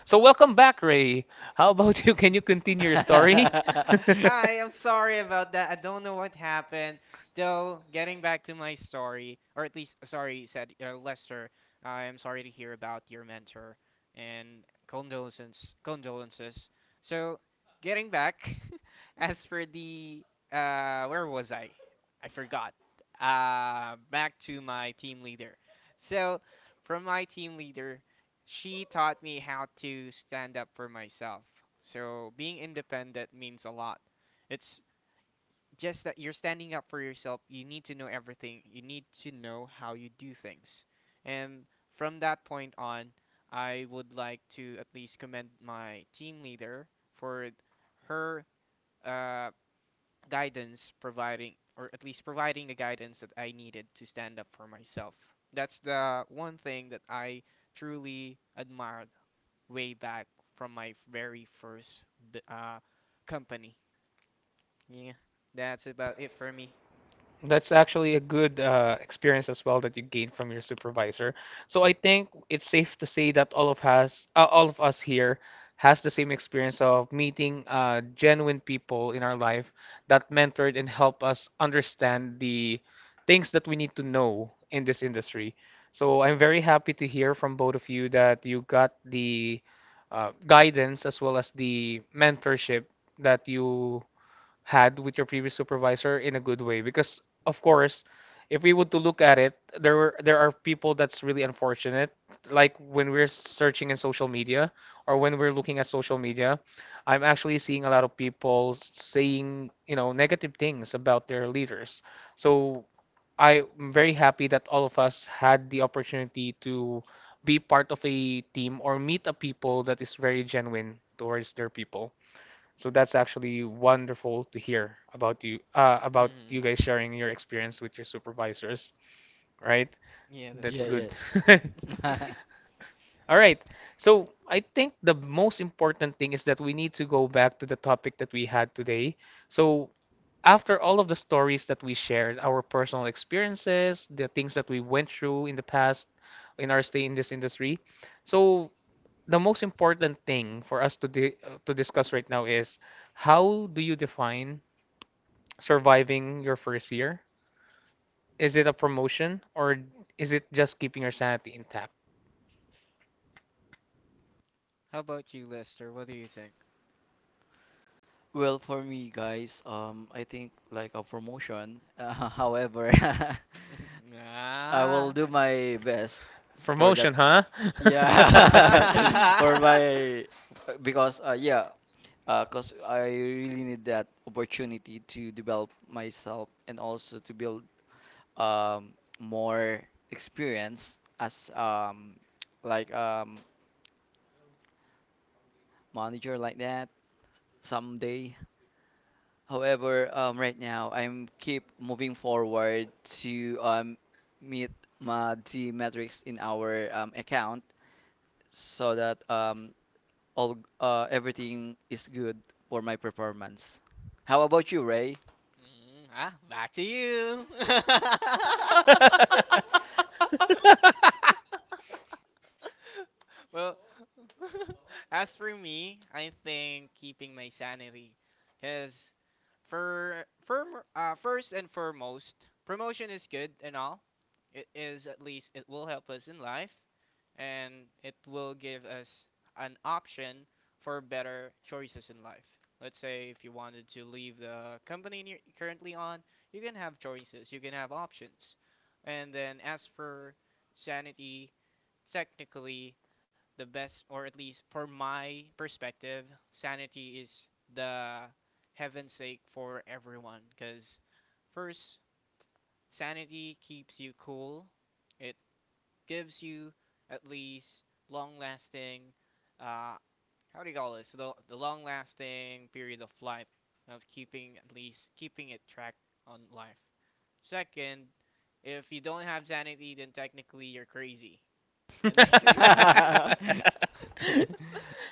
Speaker 1: So welcome back, Ray. How about you? Can you continue your story?
Speaker 2: Hi, I'm sorry about that. I don't know what happened. Though, getting back to my story, or at least, sorry, said Lester, I'm sorry to hear about your mentor and condolences, condolences. So, getting back, as for where was I? I forgot. Back to my team leader. So, from my team leader, she taught me how to stand up for myself. So being independent means a lot. It's just that you're standing up for yourself. You need to know everything. You need to know how you do things. And from that point on, I would like to at least commend my team leader for her uh, guidance providing or at least providing the guidance that I needed to stand up for myself. That's the one thing that I truly admire way back from my very first b- uh, company. Yeah, that's about it for me.
Speaker 1: That's actually a good experience as well that you gain from your supervisor. So I think it's safe to say that all of us here, has the same experience of meeting genuine people in our life that mentored and helped us understand the things that we need to know in this industry. So I'm very happy to hear from both of you that you got the guidance as well as the mentorship that you had with your previous supervisor in a good way because of course if we would to look at it there are people that's really unfortunate, like when we're searching in social media or when we're looking at social media. I'm actually seeing a lot of people saying, you know, negative things about their leaders. So I'm very happy that all of us had the opportunity to be part of a team or meet a people that is very genuine towards their people. So that's actually wonderful to hear about you
Speaker 2: Mm,
Speaker 1: guys sharing your experience with your supervisors, right?
Speaker 2: yeah, that's
Speaker 1: That's
Speaker 3: Yeah,
Speaker 2: true.
Speaker 1: good.
Speaker 3: yes.
Speaker 1: All right. So I think the most important thing is that we need to go back to the topic that we had today. So after all of the stories that we shared, our personal experiences, the things that we went through in the past in our stay in this industry. So the most important thing for us to to discuss right now is, how do you define surviving your first year? Is it a promotion or is it just keeping your sanity intact?
Speaker 2: How about you, Lester? What do you think?
Speaker 3: Well, for me, guys, I think like a promotion. However, I will
Speaker 2: ah,
Speaker 3: do
Speaker 2: I-
Speaker 3: my best for that.
Speaker 1: Promotion, huh?
Speaker 3: Yeah, for
Speaker 2: ah,
Speaker 3: my, because yeah, because I really need that opportunity to develop myself, and also to build um, more experience as like manager like that someday. However, right now I'm keep moving forward to meet my, the metrics in our account, so that all everything is good for my performance. How about you, Ray?
Speaker 2: Mm, ah, back to you. Well, as for me, I think keeping my sanity, because for first and foremost, promotion is good and all. It is, at least it will help us in life, and it will give us an option for better choices in life. Let's say if you wanted to leave the company you're currently on, you can have choices, you can have options. And then as for sanity, technically the best, or at least for my perspective, sanity is the heaven's sake for everyone. Because first, sanity keeps you cool. It gives you at least long-lasting, uh, how do you call this? So the long-lasting period of life of keeping, at least keeping it track on life. Second, if you don't have sanity, then technically you're crazy. And then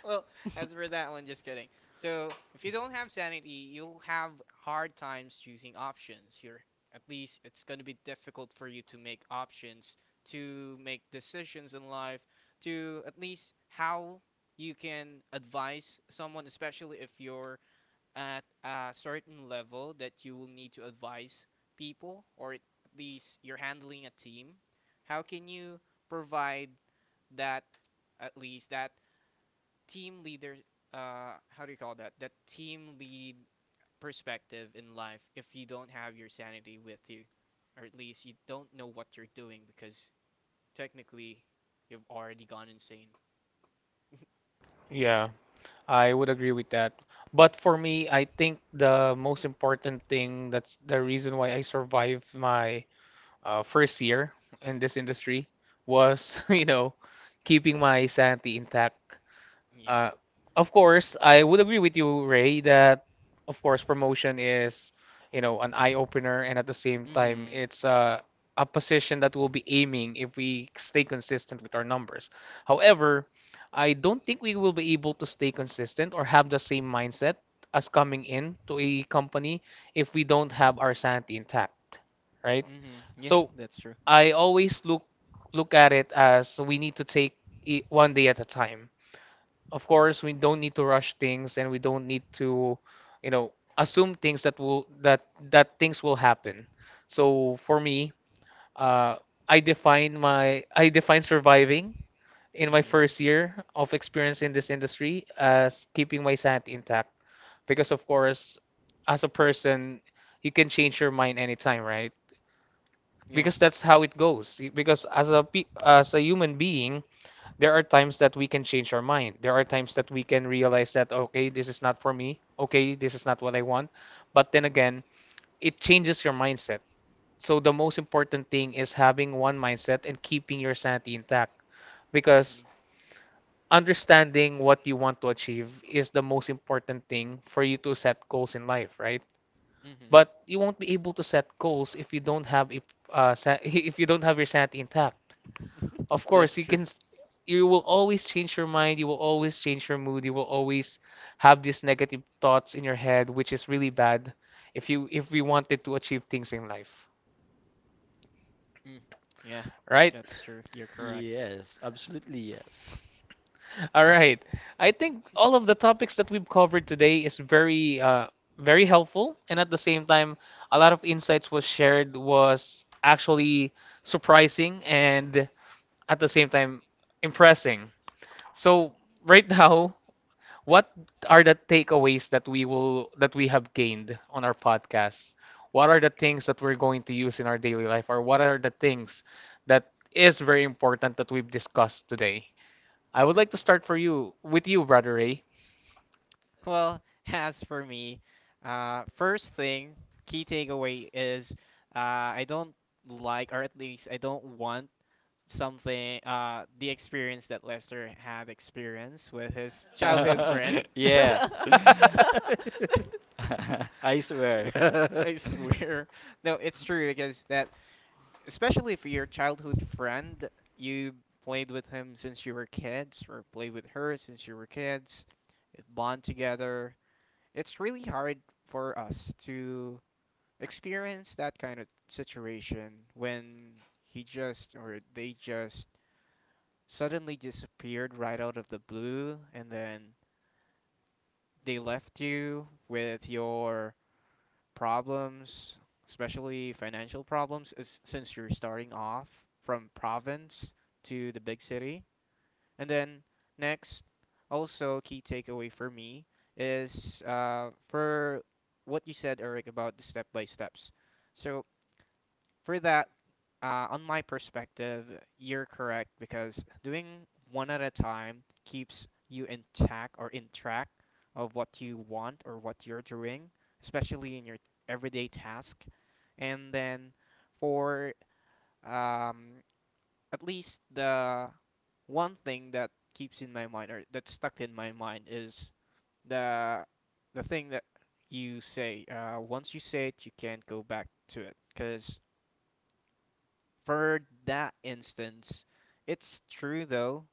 Speaker 2: Well, as for that one, just kidding. So, if you don't have sanity, you'll have hard times choosing options. You're, at least it's going to be difficult for you to make options, to make decisions in life, to at least how you can advise someone, especially if you're at a certain level that you will need to advise people, or at least you're handling a team. How can you provide that, at least that team leader, how do you call that team lead perspective in life if you don't have your sanity with you or at least you don't know what you're doing because technically you've already gone insane?
Speaker 1: Yeah, I would agree with that. But for me, I think the most important thing, that's the reason why I survived my first year in this industry was, you know, keeping my sanity intact.
Speaker 2: Yeah.
Speaker 1: Uh, of course, I would agree with you, Ray, that of course promotion is, you know, an eye opener, and at the same time,
Speaker 2: Mm-hmm.
Speaker 1: it's a position that we'll be aiming if we stay consistent with our numbers. However, I don't think we will be able to stay consistent or have the same mindset as coming in to a company if we don't have our sanity intact, right?
Speaker 2: Mm-hmm, yeah,
Speaker 1: So
Speaker 2: that's true.
Speaker 1: I always look at it as we need to take it one day at a time. Of course we don't need to rush things, and we don't need to, you know, assume things that things will happen. So for me, uh, I define surviving in my
Speaker 2: Mm-hmm.
Speaker 1: first year of experience in this industry as keeping my sanity intact, because of course, as a person, you can change your mind anytime, right?
Speaker 2: Yeah.
Speaker 1: Because that's how it goes, because as a human being, there are times that we can change our mind. There are times that we can realize that, okay, this is not for me. Okay, this is not what I want. But then again, it changes your mindset. So the most important thing is having one mindset and keeping your sanity intact,
Speaker 2: Mm-hmm.
Speaker 1: because understanding what you want to achieve is the most important thing for you to set goals in life, right?
Speaker 2: Hmm.
Speaker 1: But you won't be able to set goals if you don't have a uh, if you don't have your sanity intact. Of course,
Speaker 2: That's true.
Speaker 1: you will always change your mind, you will always change your mood, you will always have these negative thoughts in your head, which is really bad if you if we wanted to achieve things in life,
Speaker 2: Mm. Yeah,
Speaker 1: right?
Speaker 2: that's true. You're correct.
Speaker 3: Yes, absolutely yes.
Speaker 1: All right. I think all of the topics that we've covered today is very helpful, and at the same time a lot of insights was actually surprising and at the same time impressing. So right now, what are the takeaways that we will that we have gained on our podcast? What are the things that we're going to use in our daily life, or what are the things that is very important that we've discussed today? I would like to start for you with you, Brother Ray.
Speaker 2: Well, as for me, first thing, key takeaway is I don't like, or at least I don't want something, the experience that Lester had experienced with his childhood friend.
Speaker 3: Yeah. I swear.
Speaker 2: I swear. No, it's true because that, especially if your childhood friend, you played with him since you were kids, or played with her since you were kids, bond together. It's really hard for us to experience that kind of situation when he just or they just suddenly disappeared right out of the blue, and then they left you with your problems, especially financial problems, as, since you're starting off from province to the big city. And then next, also key takeaway for me is for what you said, Eric, about the step by steps. So for that, on my perspective, you're correct because doing one at a time keeps you intact or in track of what you want or what you're doing, especially in your everyday task. And then for um, at least the one thing that keeps in my mind or that's stuck in my mind is the the thing that you say. Once you say it, you can't go back to it. Because for that instance, it's true though.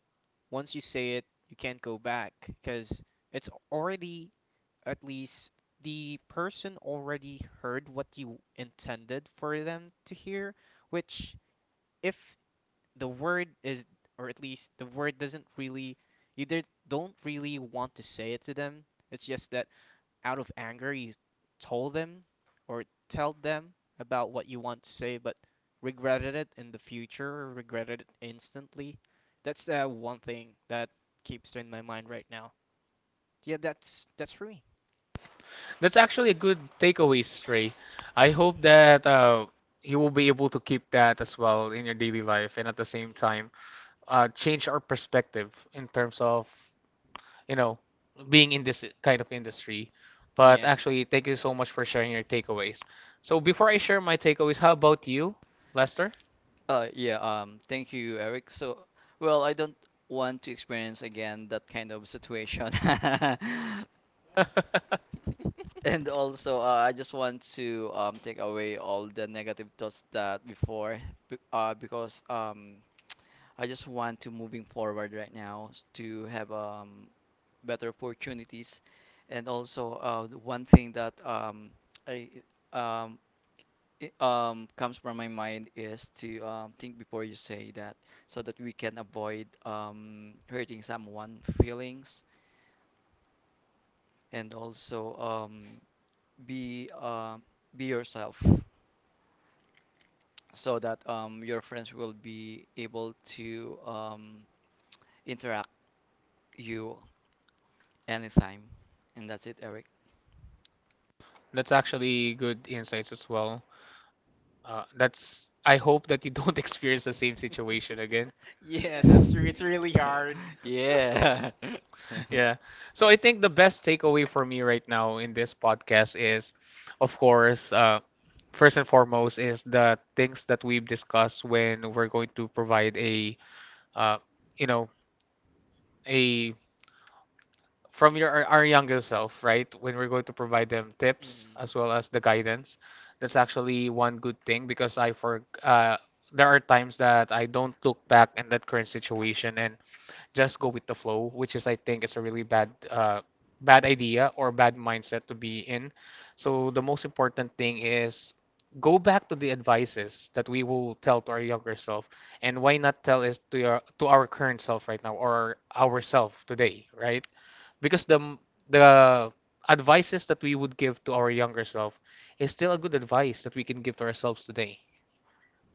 Speaker 2: Once you say it, you can't go back because it's already, at least the person already heard what you intended for them to hear, which if the word is, or at least the word doesn't really, you did, don't really want to say it to them. It's just that out of anger, you told them or tell them about what you want to say, but regretted it in the future or regretted it instantly. That's the one thing that keeps in my mind right now. Yeah, that's for me.
Speaker 1: That's actually a good takeaway, Ray. I hope that you will be able to keep that as well in your daily life, and at the same time, change our perspective in terms of, you know, being in this kind of industry. But
Speaker 2: Yeah.
Speaker 1: actually, thank you so much for sharing your takeaways. So before I share my takeaways, how about you, Lester?
Speaker 3: Yeah, thank you, Eric. So, well, I don't want to experience again that kind of situation.
Speaker 1: That's
Speaker 3: And also, I just want to take away all the negative thoughts that before, because I just want to moving forward right now, to have better opportunities, and also the one thing that I um, it, comes from my mind is to think before you say that, so that we can avoid hurting someone feelings, and also be uh, be yourself, so that your friends will be able to interact you. Anytime. And that's it, Eric.
Speaker 1: actually good insights as well. That's I hope that you don't experience the same situation again.
Speaker 2: Yeah, that's true. It's really hard.
Speaker 3: Yeah.
Speaker 1: Yeah. So I think the best takeaway for me right now in this podcast is, of course, first and foremost, is the things that we've discussed when we're going to provide uh, you know, a from your our younger self, right? When we're going to provide them tips
Speaker 2: Hmm.
Speaker 1: as well as the guidance, that's actually one good thing because I for there are times that I don't look back in that current situation and just go with the flow, which is, I think it's a really bad idea or bad mindset to be in. So the most
Speaker 2: Hmm.
Speaker 1: important thing is go back to the advices that we will tell to our younger self, and why not tell is to your to our current self right now, or our self today, right? Because the advices that we would give to our younger self is still a good advice that we can give to ourselves today,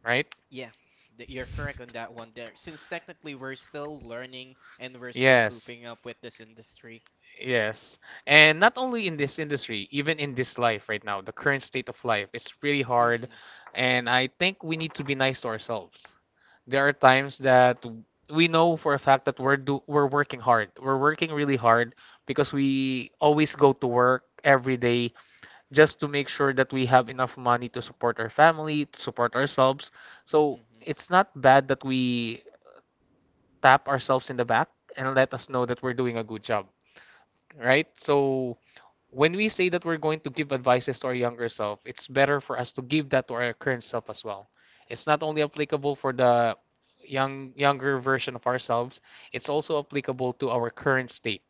Speaker 1: right?
Speaker 2: Yeah, you're correct on that one there. Since technically we're still learning and we're still
Speaker 1: Yes.
Speaker 2: cooping up with this industry.
Speaker 1: Yes. And not only in this industry, even in this life right now, the current state of life, it's really hard.
Speaker 2: Hmm.
Speaker 1: And I think we need to be nice to ourselves. There are times that we know for a fact that we're do we're working hard. We're working really hard because we always go to work every day just to make sure that we have enough money to support our family, to support ourselves. So
Speaker 2: Hmm.
Speaker 1: it's not bad that we tap ourselves in the back and let us know that we're doing a good job, right? So when we say that we're going to give advices to our younger self, it's better for us to give that to our current self as well. It's not only applicable for the younger version of ourselves, it's also applicable to our current state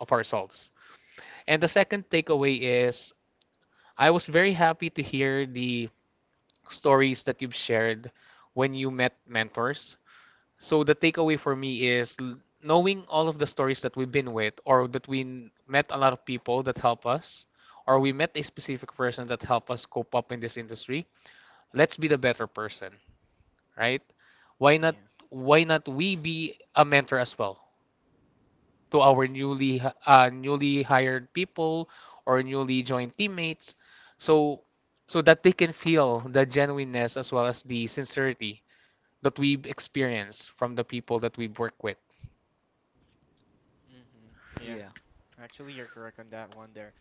Speaker 1: of ourselves. And the second takeaway is I was very happy to hear the stories that you've shared when you met mentors, so the takeaway for me is knowing all of the stories that we've been with, or that we met a lot of people that help us, or we met a specific person that help us cope up in this industry. Let's be the better person, right? Why not?
Speaker 2: Yeah.
Speaker 1: Why not we be a mentor as well to our
Speaker 2: Hmm.
Speaker 1: newly hired people or newly joined teammates, so so that they can feel the genuineness as well as the sincerity that we've experienced from the people that we work with.
Speaker 2: Hmm. Yeah.
Speaker 3: Yeah,
Speaker 2: Actually, you're correct on that one there.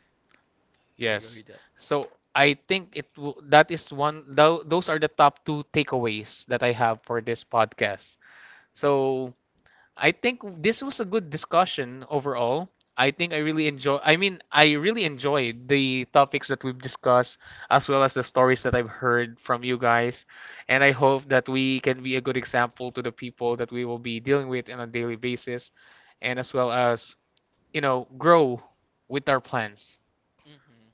Speaker 3: I agree
Speaker 1: Yes.
Speaker 3: with that.
Speaker 1: So I think it will, that is those are the top two takeaways that I have for this podcast. So I think this was a good discussion overall. I mean, I really enjoyed the topics that we've discussed as well as the stories that I've heard from you guys, and I hope that we can be a good example to the people that we will be dealing with on a daily basis and as well as, grow with our plans.
Speaker 2: Hmm.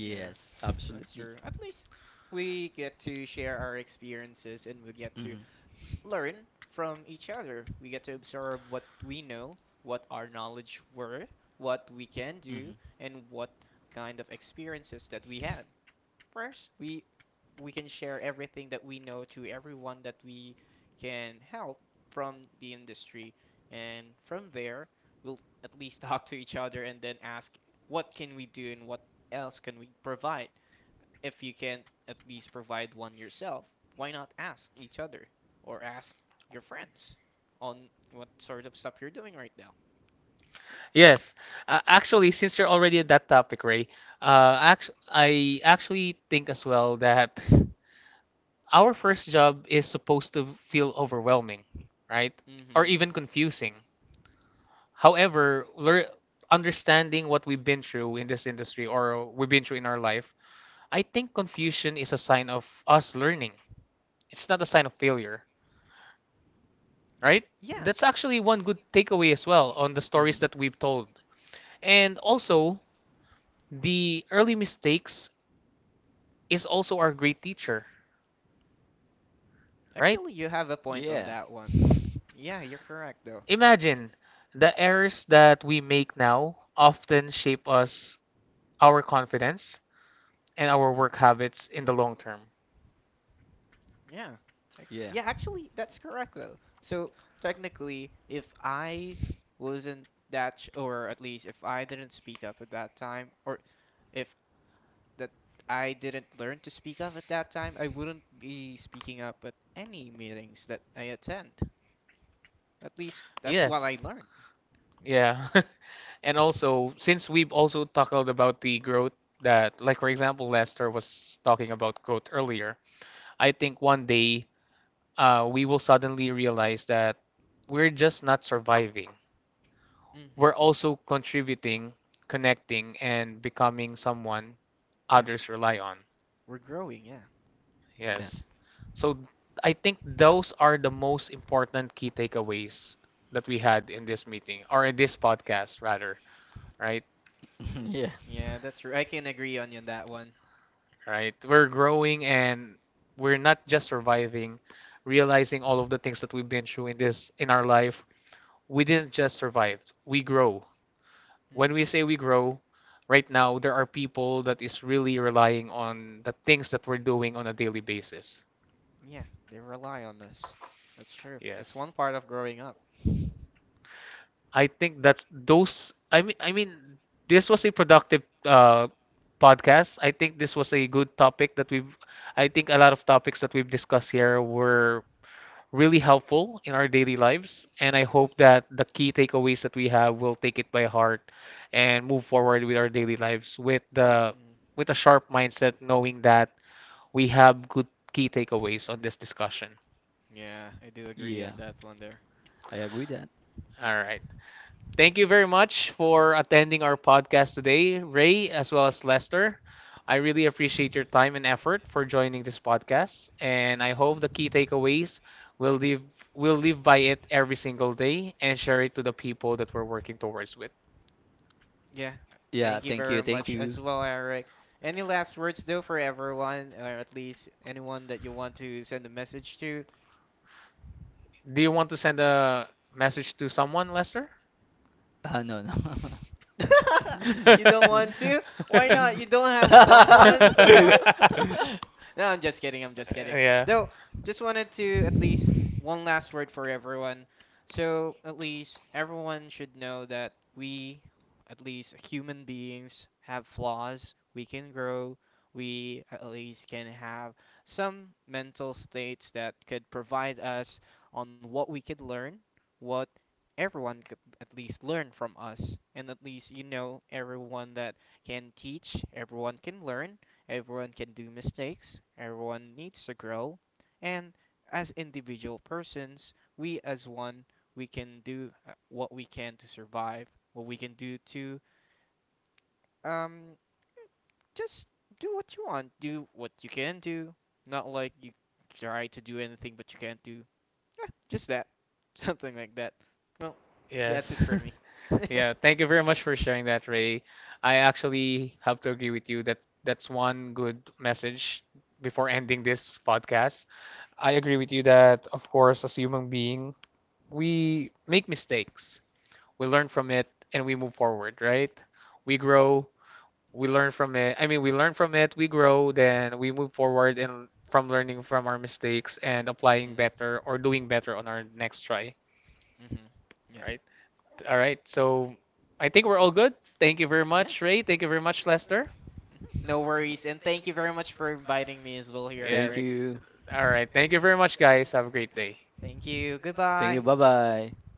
Speaker 2: Yeah, that's
Speaker 3: absolutely.
Speaker 2: true. At least we get to share our experiences and we get to
Speaker 3: Hmm,
Speaker 2: learn from each other. We get to observe what we know, what our knowledge were, what we can
Speaker 3: hmm,
Speaker 2: do,
Speaker 3: hmm.
Speaker 2: and what kind of experiences that we had. First, we can share everything that we know to everyone that we can help from the industry, and from there, we'll at least talk to each other and then ask what can we do and what else can we provide. If you can't at least provide one yourself, why not ask each other or ask your friends on what sort of stuff you're doing right now?
Speaker 1: Yes. Actually, since you're already at that topic, Ray, act I actually think as well that our first job is supposed to feel overwhelming, right? Or
Speaker 2: Mm-hmm.
Speaker 1: even confusing. However, lear understanding what we've been through in this industry or we've been through in our life, I think confusion is a sign of us learning. It's not a sign of failure,
Speaker 2: Yeah,
Speaker 1: right?
Speaker 2: yeah.
Speaker 1: That's actually one good takeaway as well on the stories that we've told. And also, the early mistakes is also our great teacher, right?
Speaker 2: Actually, you have a point on
Speaker 3: Yeah,
Speaker 2: that one. Yeah, you're correct though.
Speaker 1: Imagine the errors that we make now often shape us, our confidence, and our
Speaker 2: Mm-hmm.
Speaker 1: work habits in the long term.
Speaker 2: Yeah.
Speaker 3: yeah,
Speaker 2: Yeah, actually, that's correct though. So technically, if I wasn't that, or at least if I didn't speak up at that time, or if that I didn't learn to speak up at that time, I wouldn't be speaking up at any meetings that I attend. At least that's what
Speaker 1: Yes.
Speaker 2: I learned.
Speaker 1: Yeah. And also, since we've also tackled about the growth that, like for example, Lester was talking about growth earlier, I think one day, we will suddenly realize that we're just not surviving.
Speaker 2: Hmm.
Speaker 1: We're also contributing, connecting, and becoming someone
Speaker 2: Yeah,
Speaker 1: others rely on.
Speaker 2: we're growing. Yeah.
Speaker 3: yeah.
Speaker 1: Yes. So I think those are the most important key takeaways that we had in this meeting or in this podcast rather, right?
Speaker 2: Hmm.
Speaker 3: Yeah,
Speaker 2: Yeah, that's true. I can agree on you on that one.
Speaker 1: Right. We're growing and we're not just surviving, realizing all of the things that we've been through in this in our life. We didn't just survive, we grow. When we say we
Speaker 2: Hmm.
Speaker 1: grow, right now there are people that is really relying on the things that we're doing on a daily basis.
Speaker 2: Yeah, they rely on us. That's true. That's
Speaker 1: Yes.
Speaker 2: one part of growing up.
Speaker 1: I think that's those. I mean, this was a productive podcast. I think this was a good topic that we've. I think a lot of topics that we've discussed here were really helpful in our daily lives, and I hope that the key takeaways that we have will take it by heart and move forward with our daily lives with the
Speaker 2: Mm.
Speaker 1: with a sharp mindset, knowing that we have good key takeaways on this discussion.
Speaker 2: Yeah, I do agree
Speaker 3: yeah.
Speaker 2: on that one there.
Speaker 3: I agree that.
Speaker 1: All right. Thank you very much for attending our podcast today, Ray, as well as Lester. I really appreciate your time and effort for joining this podcast, and
Speaker 2: And I
Speaker 1: I
Speaker 2: hope
Speaker 1: hope the key
Speaker 2: Mhm.
Speaker 1: takeaways will live will live by it every single day and share it to the people that we're working towards with.
Speaker 2: Yeah,
Speaker 3: Yeah,
Speaker 2: thank you
Speaker 3: thank you,
Speaker 2: very
Speaker 3: thank
Speaker 2: much as
Speaker 3: you.
Speaker 2: well, Eric. Any last words though for everyone, or at least anyone that you want to send a message to?
Speaker 1: Do you want to send a message to someone, Lester?
Speaker 3: No, no.
Speaker 2: You don't want to? Why not? You don't have someone? No, I'm just kidding. I'm just kidding.
Speaker 1: Yeah.
Speaker 2: Though, just wanted to at least one last word for everyone. So, at least everyone should know that we, at least human beings, have flaws. We can grow. We at least can have some mental states that could provide us on what we could learn, what everyone could at least learn from us, and at least, you know, everyone that can teach, everyone can learn, everyone can do mistakes, everyone needs to grow, and as individual persons, we as one, we can do what we can to survive, what we can do to um, just do what you want, do what you can do, not like you try to do anything but you can't do. Yeah, just that, something like that. Well, that's
Speaker 1: Yes.
Speaker 2: it for me.
Speaker 1: Yeah, thank you very much for sharing that, Ray. I actually have to agree with you that that's one good message before ending this podcast. I agree with you that, of course, as human being, we make mistakes. We learn from it and we move forward, right? We grow, we learn from it. I mean, we learn from it, we grow, then we move forward and from learning from our mistakes and applying
Speaker 2: Mhm.
Speaker 1: better or doing better on our next try,
Speaker 2: Mhm. Yeah.
Speaker 1: right? All right. So I think we're all good. Thank you very
Speaker 2: Yeah.
Speaker 1: much, Ray. Thank you very much, Lester.
Speaker 2: Mhm. No worries, and thank you very much for inviting me as well here,
Speaker 1: Yes.
Speaker 2: Eric.
Speaker 3: You.
Speaker 1: All right. Thank you very much, guys. Have a great day.
Speaker 2: Thank
Speaker 3: You.
Speaker 2: you. Goodbye.
Speaker 3: Bye bye.